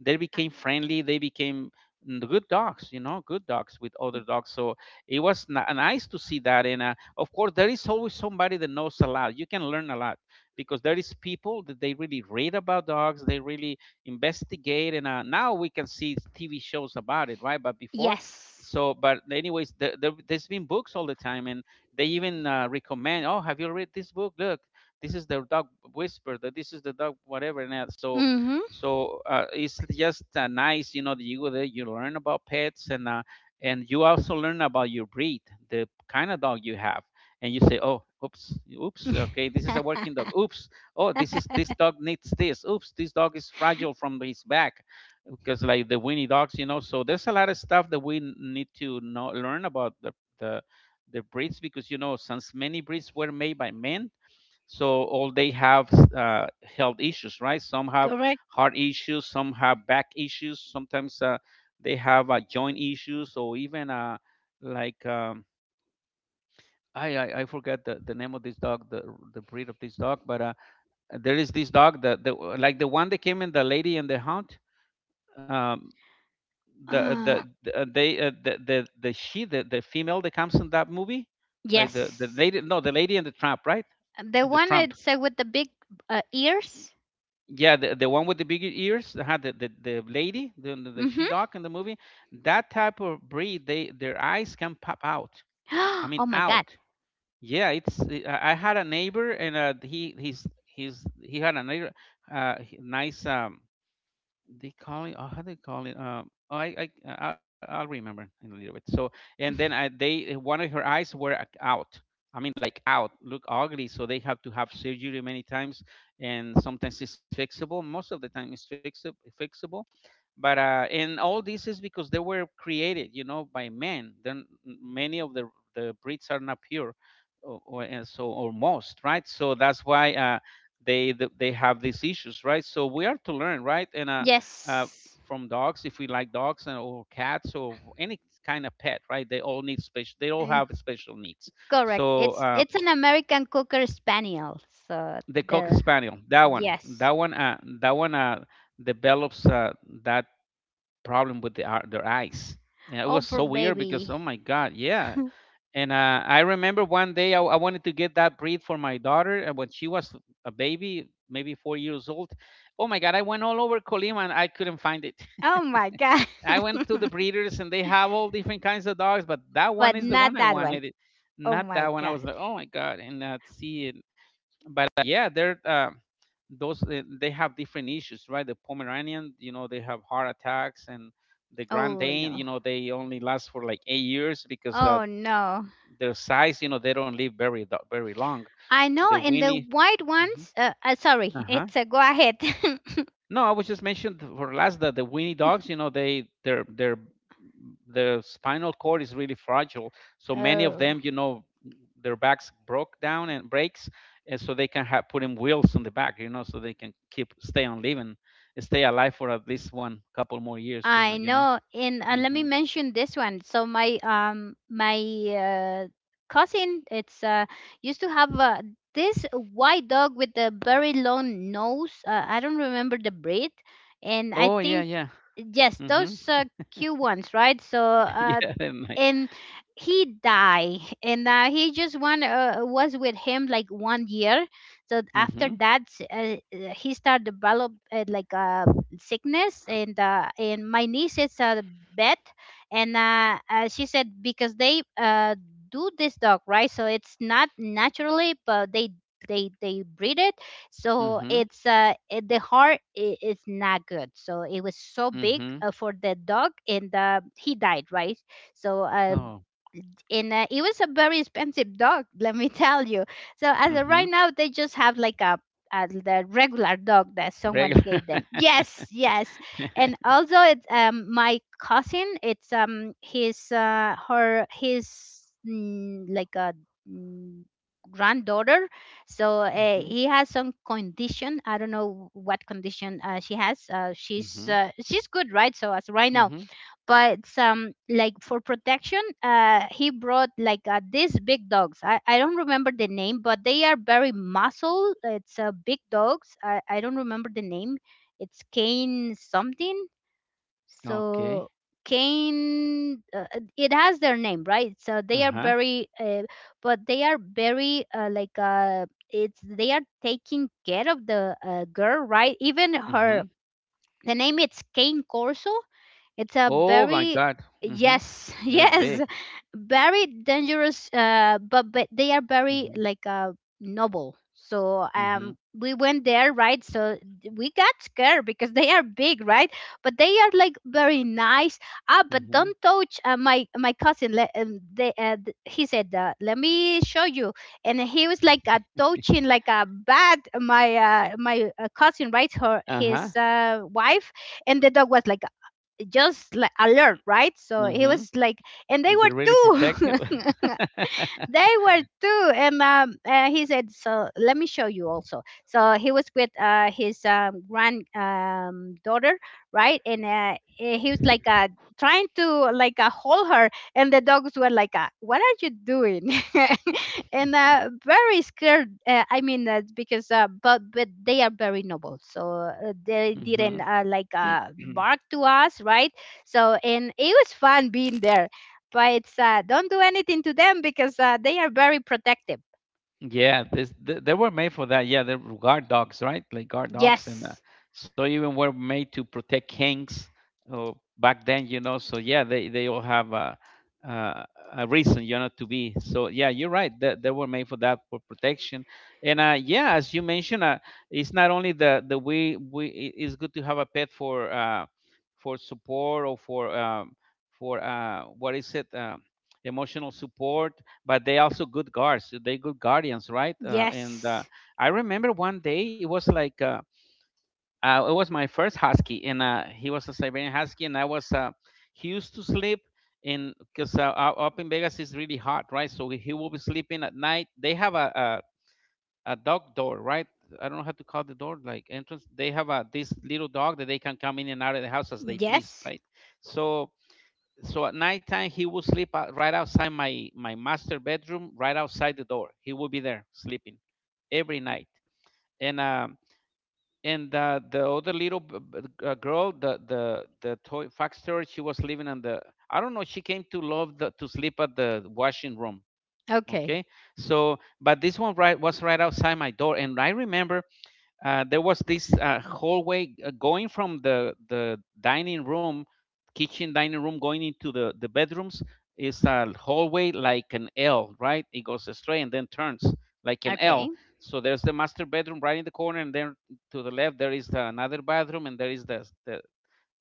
Speaker 2: They became friendly, they became good dogs, you know, good dogs with other dogs. So it was nice to see that. And of course there is always somebody that knows a lot, you can learn a lot, because there is people that they really read about dogs, they really investigate. And now we can see TV shows about it, right? But before,
Speaker 1: Yes.
Speaker 2: so but anyways, there's been books all the time, and they even recommend, oh, have you read this book? Look, this is the dog whisper, that this is the dog whatever and that. so
Speaker 1: Mm-hmm.
Speaker 2: so uh, it's just nice, you know, that you go there, you learn about pets, and you also learn about your breed, the kind of dog you have. And you say, oh, oops, oops, okay, this is a working dog. Oops, oh, this dog needs this. Oops, this dog is fragile from his back, because like the Winnie dogs, you know. So there's a lot of stuff that we need to know, learn about the the breeds, because, you know, since many breeds were made by men, so all they have health issues, right? Some have
Speaker 1: Correct.
Speaker 2: heart issues, some have back issues, sometimes they have joint issues, or even like, I forget the name of this dog, the breed of this dog, but there is this dog that the like the one that came in the Lady and the Hound. Um,
Speaker 1: Uh,
Speaker 2: the they the she the female that comes in that movie, like the
Speaker 1: yes.
Speaker 2: lady, no, the Lady and the Tramp, right?
Speaker 1: The
Speaker 2: And the
Speaker 1: one
Speaker 2: Tramp.
Speaker 1: it's with the big ears.
Speaker 2: Yeah, the one with the bigger ears, that had the lady, the she
Speaker 1: Mm-hmm.
Speaker 2: dog in the movie, that type of breed, they their eyes can pop out. I mean,
Speaker 1: Oh my God.
Speaker 2: out. Yeah, it's. I had a neighbor, and he had a neighbor, nice. They call it. Oh, how they call it? I'll remember in a little bit. So, and then they, one of her eyes were out. I mean, like out, look ugly. So they have to have surgery many times, and sometimes it's fixable. Most of the time, it's fixable. Fixable, but and all this is because they were created, you know, by men. Then many of the breeds are not pure, or and so, or most, right? So that's why they have these issues, right? So we are to learn, right? And uh,
Speaker 1: Yes.
Speaker 2: from dogs, if we like dogs, and or cats or any kind of pet, right? They all
Speaker 1: And
Speaker 2: have special needs.
Speaker 1: correct.
Speaker 2: so
Speaker 1: It's
Speaker 2: uh,
Speaker 1: an American Cocker Spaniel. So
Speaker 2: the Cocker
Speaker 1: the
Speaker 2: Spaniel, that one,
Speaker 1: yes.
Speaker 2: develops that problem with their eyes. And it
Speaker 1: Oh
Speaker 2: was
Speaker 1: poor
Speaker 2: so weird because,
Speaker 1: baby.
Speaker 2: oh my God, yeah. And I remember one day I wanted to get that breed for my daughter, and when she was a baby, maybe 4 years old. Oh my God, I went all over Colima and I couldn't find it.
Speaker 1: Oh my God.
Speaker 2: I went to the breeders and they have all different kinds of dogs, but that one
Speaker 1: But
Speaker 2: is the
Speaker 1: not
Speaker 2: one I
Speaker 1: that one.
Speaker 2: wanted.
Speaker 1: Oh
Speaker 2: Not
Speaker 1: my
Speaker 2: that one. I
Speaker 1: God.
Speaker 2: was like, oh my God. And see it. But yeah, they're those they have different issues, right? The Pomeranian, you know, they have heart attacks. And the Grand
Speaker 1: Oh
Speaker 2: Dane,
Speaker 1: no.
Speaker 2: you know, they only last for like 8 years, because
Speaker 1: Oh no.
Speaker 2: their size, you know, they don't live very long.
Speaker 1: I know,
Speaker 2: The
Speaker 1: in the
Speaker 2: Winnie,
Speaker 1: white ones. Sorry.
Speaker 2: uh
Speaker 1: It's a go ahead.
Speaker 2: no, I was just mentioned for last that the Winnie dogs, you know, they their spinal cord is really fragile. So many of
Speaker 1: Oh.
Speaker 2: them, you know, their backs broke down and breaks, and so they can have put in wheels on the back, you know, so they can keep stay on living, stay alive for at least one couple more years, you know,
Speaker 1: I
Speaker 2: you know.
Speaker 1: know. And let
Speaker 2: Hmm.
Speaker 1: me mention this one. So my my uh, cousin, it's used to have this white dog with a very long nose. I don't remember the breed, and I
Speaker 2: Oh yeah,
Speaker 1: think
Speaker 2: yeah.
Speaker 1: yes, those
Speaker 2: Mm-hmm.
Speaker 1: cute ones, right? So
Speaker 2: yeah, they're nice.
Speaker 1: and he died, and he just one was with him like one year. So after
Speaker 2: Mm-hmm.
Speaker 1: that, he started develop like a sickness. And my niece is a vet. And she said, because they do this dog, right? So it's not naturally, but they breed it. So
Speaker 2: Mm-hmm.
Speaker 1: it's it- the heart is not good. So it was so big
Speaker 2: Mm-hmm.
Speaker 1: for the dog, and he died, right? So
Speaker 2: Oh.
Speaker 1: in it was a very expensive dog. Let me tell you. So as of
Speaker 2: Mm-hmm.
Speaker 1: right now, they just have like a the regular dog that someone
Speaker 2: Regular.
Speaker 1: gave them. Yes, yes. And also it's my cousin. It's his like a mm, granddaughter. So
Speaker 2: mm-hmm.
Speaker 1: he has some condition. I don't know what condition she has.
Speaker 2: Mm-hmm.
Speaker 1: She's good, right? So as of right now,
Speaker 2: Mm-hmm.
Speaker 1: but like for protection, he brought like these big dogs. I don't remember the name, but they are very muscle. It's big dogs. I don't remember the name. It's cane something.
Speaker 2: Okay.
Speaker 1: So cane it has their name, right? So they are
Speaker 2: Uh-huh.
Speaker 1: very but they are very like it's they are taking care of the girl, right? Even her,
Speaker 2: Mhm.
Speaker 1: the name it's cane corso. It's a
Speaker 2: Oh my
Speaker 1: very
Speaker 2: God. Mhm.
Speaker 1: yes.
Speaker 2: They're
Speaker 1: Yes,
Speaker 2: big.
Speaker 1: very dangerous. But they are very
Speaker 2: Mhm.
Speaker 1: like noble. So
Speaker 2: Mhm.
Speaker 1: we went there, right? So we got scared because they are big, right? But they are like very nice. Ah, but
Speaker 2: Mhm.
Speaker 1: don't touch my my cousin. Let, they, he said, "Let me show you." And he was like touching like a bat. My my cousin, right? Her
Speaker 2: Uh-huh.
Speaker 1: his wife, and the dog was like just like alert, right? So he
Speaker 2: Mhm.
Speaker 1: was like, and they were
Speaker 2: They're really
Speaker 1: too.
Speaker 2: protective.
Speaker 1: They were too. And he said, "So let me show you also." So he was with his grand daughter, right? And he was like trying to like hold her. And the dogs were like, "What are you doing?" And very scared. I mean, because but they are very noble, so they didn't
Speaker 2: mhm.
Speaker 1: like bark to us, right? So and it was fun being there. But it's don't do anything to them, because they are very protective.
Speaker 2: Yeah, they were made for that. Yeah, they're guard dogs, right? Like guard dogs, and
Speaker 1: Yes,
Speaker 2: so even were made to protect kings, uh, back then, you know. So yeah, they all have a, uh, a reason, you know, to be. So yeah, you're right. That they were made for that, for protection. And yeah, as you mentioned, it's not only the we I- it's good to have a pet for support, or for what is it, emotional support. But they also good guards. So they good guardians, right? And
Speaker 1: yes,
Speaker 2: I remember one day it was like it was my first husky, and he was a Siberian husky, and I was he used to sleep in, because up in Vegas is really hot, right? So he will be sleeping at night. They have a dog door, right? I don't know how to call the door, like entrance. They have a this little dog that they can come in and out of the house as they please,
Speaker 1: yes.
Speaker 2: right? So so at nighttime he would sleep out, right outside my master bedroom, right outside the door, he would be there sleeping every night. and um and the other little girl, the toy fax storage, she was living on the, I don't know, she came to love to sleep at the washing room.
Speaker 1: Okay,
Speaker 2: Okay. So but this one, right, was right outside my door. And I remember there was this hallway, going from the dining room, kitchen dining room, going into the bedrooms, is a hallway like an L, right? It goes straight and then turns like an L.
Speaker 1: okay,
Speaker 2: So there's the master bedroom right in the corner, and then to the left there is another bathroom, and there is the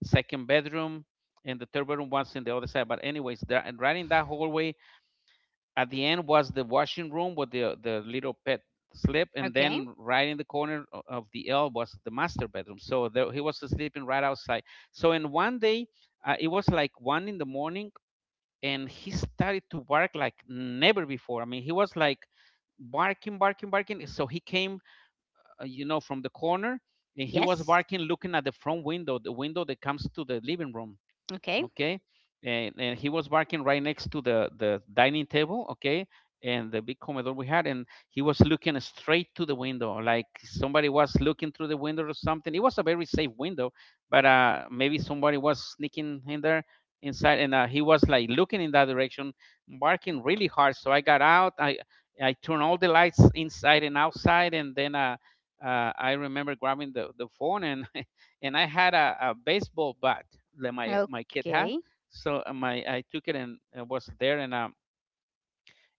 Speaker 2: second bedroom, and the third bedroom was in the other side. But anyways, there and right in that hallway at the end was the washing room with the little pet slip. And
Speaker 1: okay.
Speaker 2: then right in the corner of the L was the master bedroom, so there, he was sleeping right outside. So in one day, it was like 1 in the morning, and he started to bark like never before. I mean, he was like barking barking barking, so he came, from the corner, and he was
Speaker 1: Yes,
Speaker 2: barking, looking at the front window, the window that comes to the living room.
Speaker 1: okay,
Speaker 2: Okay, and he was barking right next to the dining table. Okay, and the big comedor we had, and he was looking straight to the window like somebody was looking through the window or something. It was a very safe window, but maybe somebody was sneaking in there inside. And he was like looking in that direction, barking really hard. So I got out, I turned all the lights inside and outside, and then I remember grabbing the phone and and I had a baseball bat that my kid had.
Speaker 1: okay.
Speaker 2: So my I took it, and it was there. And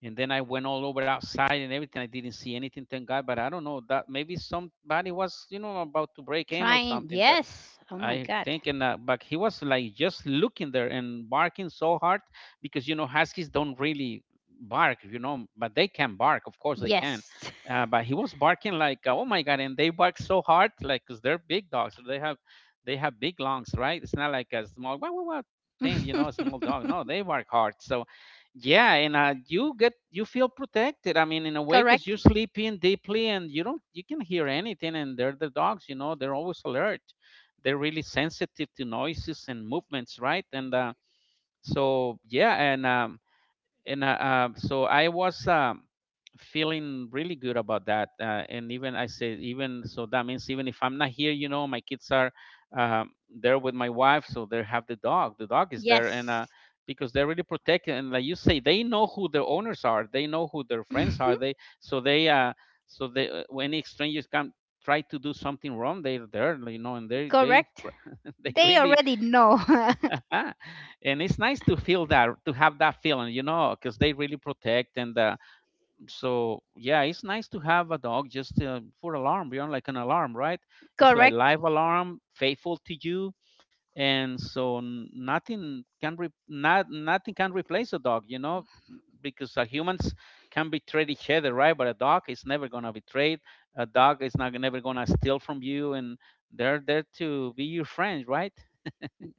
Speaker 2: and then I went all over outside and everything. I didn't see anything, thank God. But I don't know, that maybe somebody was, you know, about to break in or
Speaker 1: Trying.
Speaker 2: something. But
Speaker 1: Yes. Oh my
Speaker 2: I
Speaker 1: God.
Speaker 2: think, and but he was like just looking there and barking so hard, because you know, huskies don't really bark, you know, but they can bark. Of course they can.
Speaker 1: Yes.
Speaker 2: But he was barking like, oh my god, and they bark so hard, like because they're big dogs, so they have big lungs, right? It's not like a small what thing, you know, a small dog. No, they bark hard. So yeah, and you feel protected. I mean, in a way, because you're
Speaker 1: Correct.
Speaker 2: sleeping deeply and you don't you can hear anything. And they're the dogs, you know, they're always alert. They're really sensitive to noises and movements, right? And so yeah, and um, so I was, feeling really good about that. And even I said, even so, that means even if I'm not here, you know, my kids are, there with my wife, so they have the dog. The dog is there, and
Speaker 1: Yes.
Speaker 2: because they're really protected. And like you say, they know who their owners are. They know who their friends are. They so they so they when any strangers come, try to do something wrong, they're there, you know, and they
Speaker 1: Correct.
Speaker 2: they
Speaker 1: They
Speaker 2: really
Speaker 1: already know.
Speaker 2: ah, and it's nice to feel that, to have that feeling, you know, because they really protect. And so yeah, it's nice to have a dog, just for alarm, you know, like an alarm, right? It's like
Speaker 1: Correct.
Speaker 2: live alarm, faithful to you. And so nothing can nothing can replace a dog, you know, because humans can betray each other, right? But a dog is never going to betray. A dog is not never going to steal from you, and they're there to be your friend, right?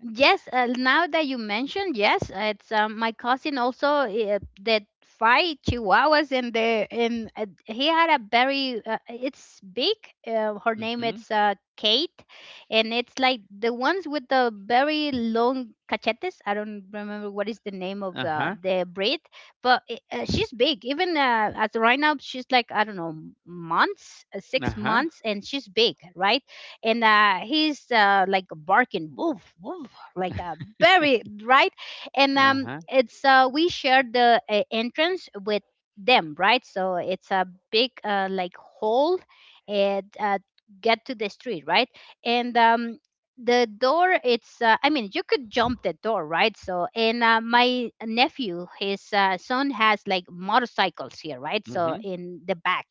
Speaker 1: Yes, now that you mentioned, yes, it's my cousin also that five chihuahuas in the and he had a very it's big. Her name
Speaker 2: Mm-hmm.
Speaker 1: is Kate. And it's like the ones with the very long cachetes. I don't remember what is the name of
Speaker 2: Uh-huh.
Speaker 1: the breed. But she's big. Even as right now, she's like, I don't know, months, six
Speaker 2: Ajá,
Speaker 1: months, and she's big, right? And he's like barking, "Woof, woof," like a very right. And
Speaker 2: ajá,
Speaker 1: it's we shared the entrance with them, right? So it's a big like hole, and get to the street, right? And the door it's I mean, you could jump the door, right? So and my nephew his son has like motorcycles here, right? So
Speaker 2: mhm,
Speaker 1: in the back.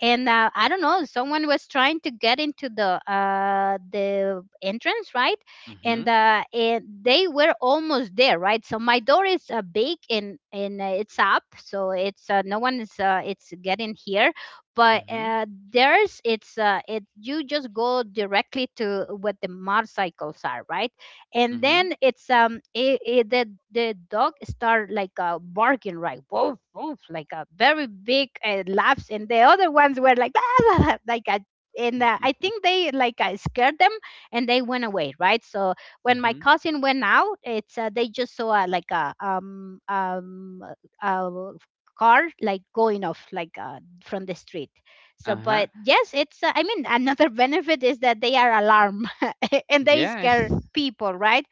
Speaker 1: And I don't know, someone was trying to get into the entrance, right? and
Speaker 2: mhm,
Speaker 1: uh and they were almost there, right? So my door is big. And it's up, so it's no one is it's getting here. But
Speaker 2: mhm,
Speaker 1: there's it's it, you just go directly to what the motorcycles are, right? And
Speaker 2: mhm,
Speaker 1: then it's the dog start like barking, right? "Woof, woof," like a very big laughs. And the other ones were like, "Ah, ah, ah," like a and I
Speaker 2: mhm,
Speaker 1: think they like scared them, and they went away, right? So when my
Speaker 2: mhm,
Speaker 1: cousin went out, it's they just saw like a uh, car like going off like from the street. So,
Speaker 2: ajá.
Speaker 1: but yes, it's I mean, another benefit is that they are alarm. And they
Speaker 2: Yeah, it's
Speaker 1: scare people, right?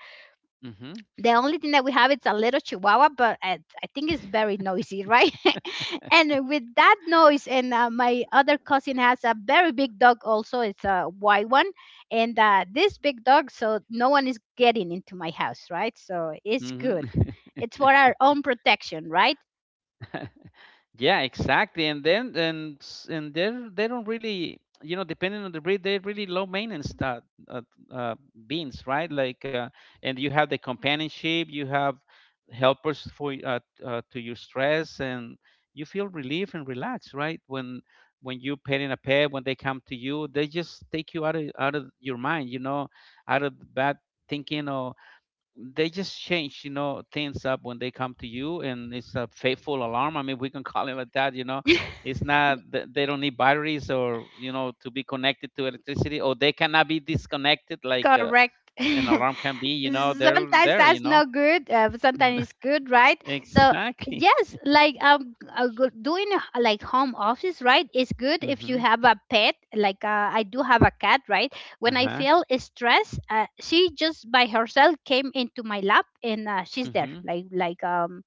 Speaker 2: mhm,
Speaker 1: The only thing that we have is a little chihuahua. But I think it's very noisy, right? And with that noise, and my other cousin has a very big dog also. It's a white one. And this big dog, so no one is getting into my house, right? So it's
Speaker 2: mhm.
Speaker 1: good. It's for our own protection, right?
Speaker 2: Yeah, exactly. And then, and they don't really, you know, depending on the breed, they're really low maintenance. Uh, uh, Beans, right? Like, and you have the companionship, you have helpers for to your stress. And you feel relief and relaxed, right? When you petting a pet, when they come to you, they just take you out of your mind, you know, out of bad thinking. They just change, you know, things up when they come to you. And it's a faithful alarm. I mean, we can call it like that, you know. It's not th- they don't need batteries, or you know, to be connected to electricity, or they cannot be disconnected like,
Speaker 1: Correct.
Speaker 2: an alarm can be, you know. They're
Speaker 1: Sometimes
Speaker 2: there, you
Speaker 1: that's
Speaker 2: know.
Speaker 1: not good, but sometimes it's good, right? So
Speaker 2: Exactly.
Speaker 1: yes, like doing like home office, right? It's good if you
Speaker 2: Mm-hmm.
Speaker 1: have a pet. Like I do have a cat, right? When I
Speaker 2: Uh-huh.
Speaker 1: feel stressed, she just by herself came into my lap, and she's there,
Speaker 2: Mm-hmm.
Speaker 1: like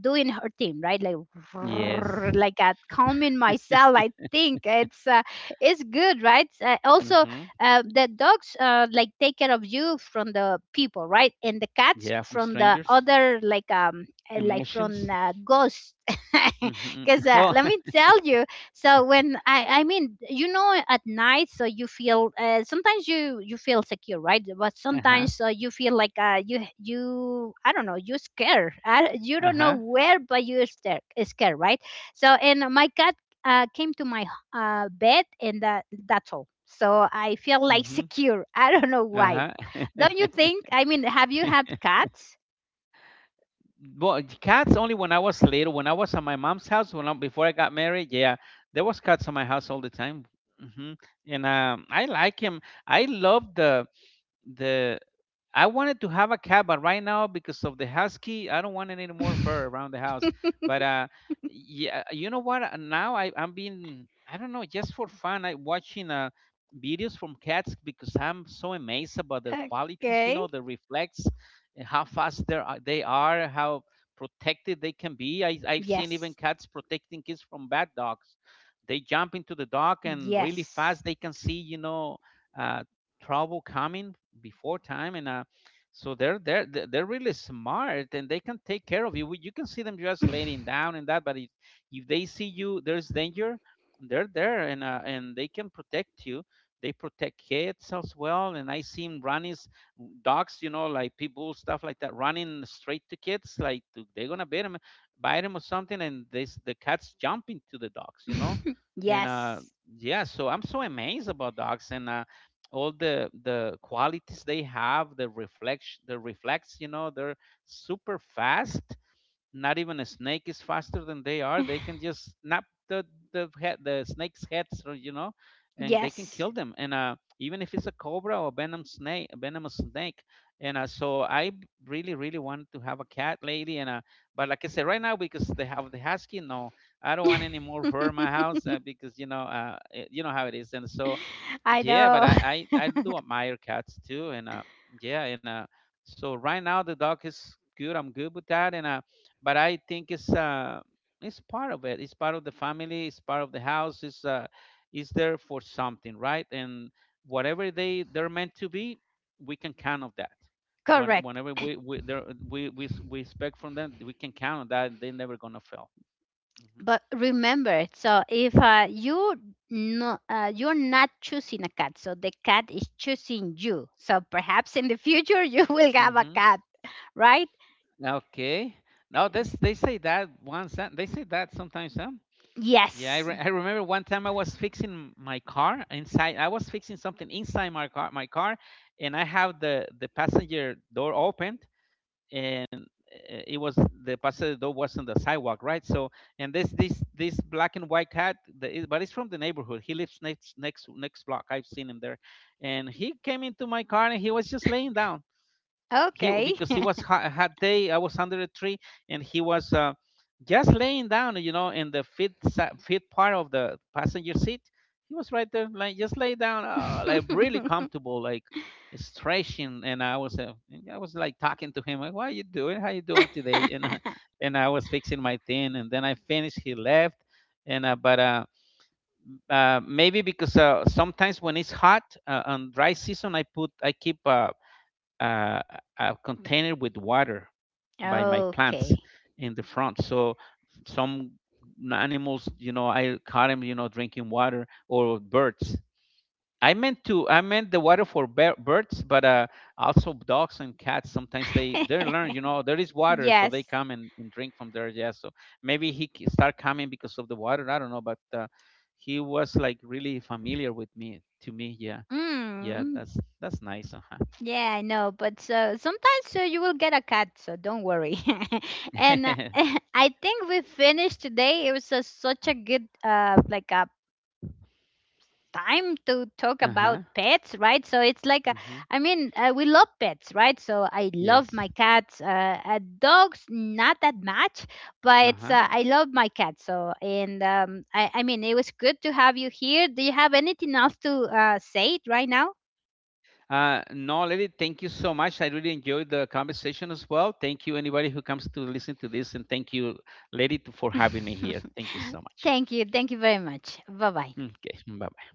Speaker 1: doing her thing, right? Like
Speaker 2: Yes.
Speaker 1: like calming myself. I think it's good, right? Also,
Speaker 2: Mm-hmm.
Speaker 1: the dogs like take care of you from the people, right? And the cats
Speaker 2: Yeah, from
Speaker 1: from the
Speaker 2: strangers.
Speaker 1: other, like from
Speaker 2: Emotions.
Speaker 1: ghosts.
Speaker 2: Mm-hmm.
Speaker 1: Because
Speaker 2: Oh.
Speaker 1: let me tell you, so when I mean, you know, at night, so you feel sometimes you feel secure, right? But
Speaker 2: Uh-huh.
Speaker 1: sometimes you feel like you I don't know, you scared, you don't know
Speaker 2: Uh-huh.
Speaker 1: where, but you're scared, scared, right? So and my cat came to my bed. And that's all. So I feel like
Speaker 2: Mm-hmm.
Speaker 1: secure. I don't know why.
Speaker 2: Uh-huh.
Speaker 1: Don't you think? I mean, have you had cats?
Speaker 2: Well, cats only when I was little. When I was at my mom's house, when I, before I got married, yeah, there was cats at my house all the time. Hmm. And I like him. I love the the I wanted to have a cat, but right now, because of the husky, I don't want any more fur around the house. But yeah, you know what? Now I'm being, I don't know, just for fun, I watching videos from cats, because I'm so amazed about their qualities. You
Speaker 1: Okay.
Speaker 2: know, the reflex, and how fast they are, how protected they can be. I've seen even
Speaker 1: Yes.
Speaker 2: cats protecting kids from bad dogs. They jump into the dog, and really
Speaker 1: Yes.
Speaker 2: fast they can see, you know, uh, trouble coming before time. And so they're really smart, and they can take care of you. You can see them just laying down and that, but if they see you there's danger, they're there. And and they can protect you. They protect kids as well. And I seen running dogs, you know, like people stuff like that, running straight to kids, like they're gonna bite them or something, and this the cats jumping to the dogs, you know. And
Speaker 1: Yes.
Speaker 2: yeah. So I'm so amazed about dogs. And all the qualities they have, the reflection, the reflex, you know, they're super fast. Not even a snake is faster than they are. They can just snap the head, the snake's heads, or you know, and they can
Speaker 1: Yes.
Speaker 2: kill them. And even if it's a cobra or venom snake, a venomous snake. And really really want to have a cat lately. And but like I said, right now because they have the husky, no, I don't want any more fur in my house, because you know, you know how it is. And so
Speaker 1: I
Speaker 2: yeah, but
Speaker 1: know.
Speaker 2: I do admire cats too. And yeah. And so right now, the dog is good. I'm good with that. And but I think it's part of it. It's part of the family. It's part of the house. It's there for something, right? And whatever they're meant to be, we can count on that.
Speaker 1: Correct.
Speaker 2: Whenever we we expect from them, we can count on that. They're never gonna fail. Hmm.
Speaker 1: But remember, so if you no, you're not choosing a cat, so the cat is choosing you. So perhaps in the future you will have a
Speaker 2: Mm-hmm.
Speaker 1: cat, right?
Speaker 2: Okay. No, this they say that once. They say that sometimes, huh? Yeah,
Speaker 1: Yes.
Speaker 2: I remember one time I was fixing my car inside. I was fixing something inside my car, and I have the passenger door opened. And it was, the passenger door was on the sidewalk, right? So, and this black and white cat, but it's from the neighborhood. He lives next next block. I've seen him there, and he came into my car, and he was just laying down. He,
Speaker 1: Okay.
Speaker 2: because it was hot, a hot day. I was under a tree, and he was just laying down, you know, in the fifth part of the passenger seat. He was right there, like just lay down, like really comfortable, like stretching. And I was like talking to him, like, what are you doing, how you doing today? And and I was fixing my thing, and then I finished, he left. And but maybe because, sometimes when it's hot, on dry season, I keep, uh, a container with water by my plants
Speaker 1: Okay.
Speaker 2: in the front. So some animals, you know, I caught them, you know, drinking water, or birds. I meant to, I meant the water for birds. But also dogs and cats. Sometimes they learn, you know, there is water, so they
Speaker 1: Yes.
Speaker 2: come and drink from there. Yeah. So maybe he start coming because of the water, I don't know. But he was like really familiar with me, to me. Yeah, yeah,
Speaker 1: Mm,
Speaker 2: that's nice. Uh huh.
Speaker 1: yeah, I know. But so sometimes, so you will get a cat, so don't worry. And I think we finished today. It was a, such a good like a time to talk
Speaker 2: Uh
Speaker 1: about
Speaker 2: huh.
Speaker 1: pets, right? So it's like, a,
Speaker 2: Mm-hmm.
Speaker 1: I mean, we love pets, right? So I love
Speaker 2: Yes.
Speaker 1: my cats. Dogs, not that much, but
Speaker 2: Uh-huh.
Speaker 1: I love my cat. So, and I mean, it was good to have you here. Do you have anything else to say it right now?
Speaker 2: No, lady, thank you so much. I really enjoyed the conversation as well. Thank you anybody who comes to listen to this, and thank you, lady, for having me here. Thank you so much.
Speaker 1: Thank you. Thank you very much. Bye bye.
Speaker 2: Mm, okay, bye.